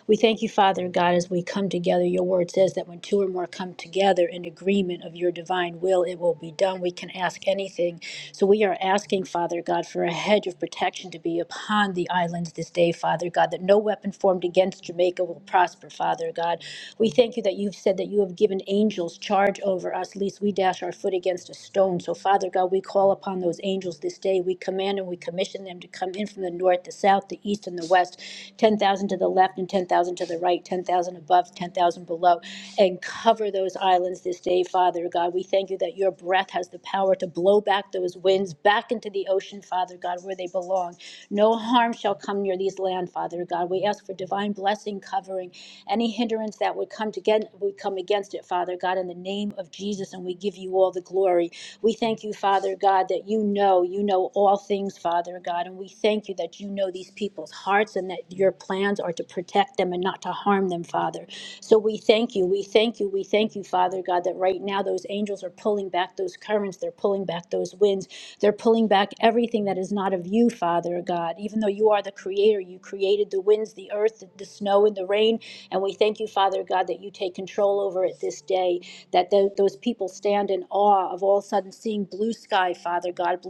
B: We thank you, Father God, as we come together. Your word says that when two or more come together in agreement of your divine will, it will be done. We can ask anything. So we are asking, Father God, for a hedge of protection to be upon the islands this day, Father God, that no weapon formed against Jamaica will prosper, Father God. We thank you that you've said that you have given angels charge over us, lest we dash our foot against a stone. So, Father God, we call upon those angels this day. We command and we commission them to come in from the north, the south, the east, and the west ten thousand to the left and ten thousand to the right, ten thousand above, ten thousand below, and cover those islands this day, Father God. We thank you that your breath has the power to blow back those winds back into the ocean, Father God, where they belong. No harm shall come near these land, Father God. We ask for divine blessing covering any hindrance that would come to get, would come against it, Father God, in the name of Jesus, and we give you all the glory. We thank you, Father God, that you know, you know all things, Father God. And we thank you that you know these people's hearts and that your plans are to protect them and not to harm them, Father. So we thank you, we thank you, we thank you, Father God, that right now those angels are pulling back those currents, they're pulling back those winds, they're pulling back everything that is not of you, Father God. Even though you are the creator, you created the winds, the earth, the, the snow, and the rain. And we thank you, Father God, that you take control over it this day that tho- those people stand in awe of all of a sudden seeing blue sky, Father God,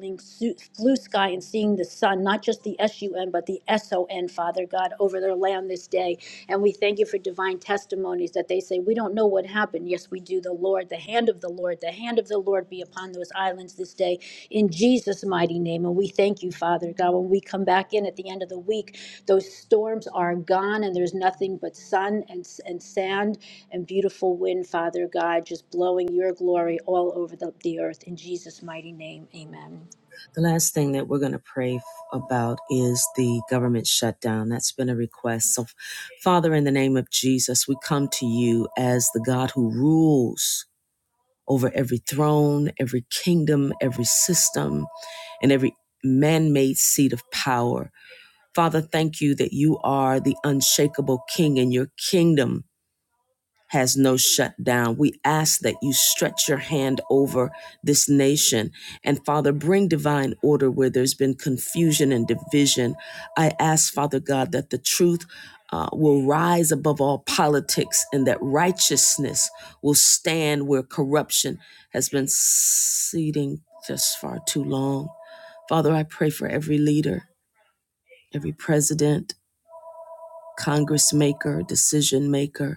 B: blue sky and seeing the sun, not just the S-U-N, but the S-O-N, Father God, over their land this day. And we thank you for divine testimonies that they say, we don't know what happened. Yes, we do. The Lord, the hand of the Lord, the hand of the Lord be upon those islands this day in Jesus' mighty name. And we thank you, Father God. When we come back in at the end of the week, those storms are gone and there's nothing but sun and, and sand and beautiful wind, Father God, just blowing your glory all over the, the earth. In Jesus' mighty name, amen.
A: The last thing that we're going to pray f- about is the government shutdown. That's been a request. So, Father, in the name of Jesus, we come to you as the God who rules over every throne, every kingdom, every system, and every man made seat of power. Father, thank you that you are the unshakable king and your kingdom has no shutdown. We ask that you stretch your hand over this nation. And Father, bring divine order where there's been confusion and division. I ask, Father God, that the truth uh, will rise above all politics and that righteousness will stand where corruption has been seeding just far too long. Father, I pray for every leader, every president, congressmaker, decision maker.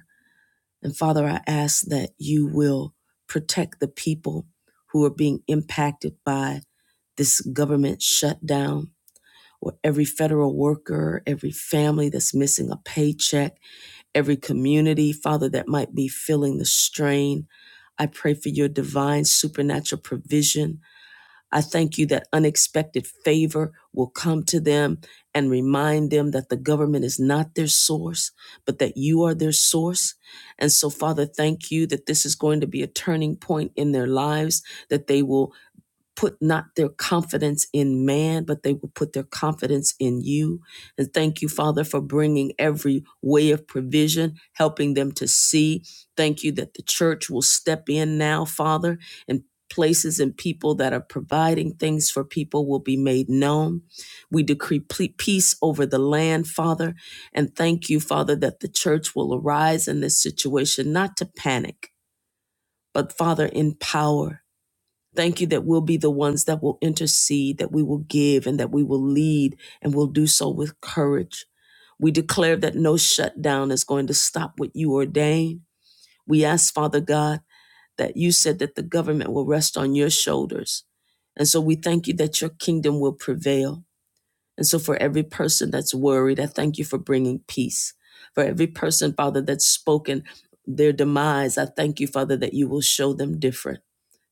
A: And Father, I ask that you will protect the people who are being impacted by this government shutdown, or every federal worker, every family that's missing a paycheck, every community, Father, that might be feeling the strain. I pray for your divine supernatural provision I thank you that unexpected favor will come to them and remind them that the government is not their source, but that you are their source. And so, Father, thank you that this is going to be a turning point in their lives, that they will put not their confidence in man, but they will put their confidence in you. And thank you, Father, for bringing every way of provision, helping them to see. Thank you that the church will step in now, Father, and places and people that are providing things for people will be made known. We decree peace over the land, Father, and thank you, Father, that the church will arise in this situation not to panic, but Father, in power Thank you that we'll be the ones that will intercede, that we will give, and that we will lead, and we'll do so with courage. We declare that no shutdown is going to stop what you ordain. We ask, Father God, that you said that the government will rest on your shoulders. And so we thank you that your kingdom will prevail. And so for every person that's worried, I thank you for bringing peace. For every person, Father, that's spoken their demise, I thank you, Father, that you will show them different.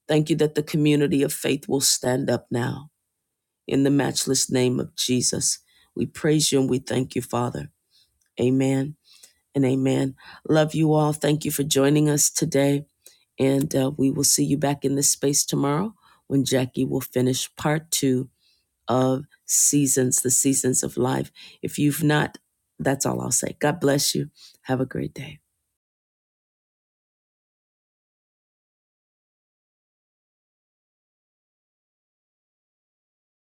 A: Thank you that the community of faith will stand up now. In the matchless name of Jesus, we praise you and we thank you, Father. Amen and amen. Love you all. Thank you for joining us today. And uh, we will see you back in this space tomorrow when Jackie will finish part two of Seasons, the Seasons of Life. If you've not, that's all I'll say. God bless you. Have a great day.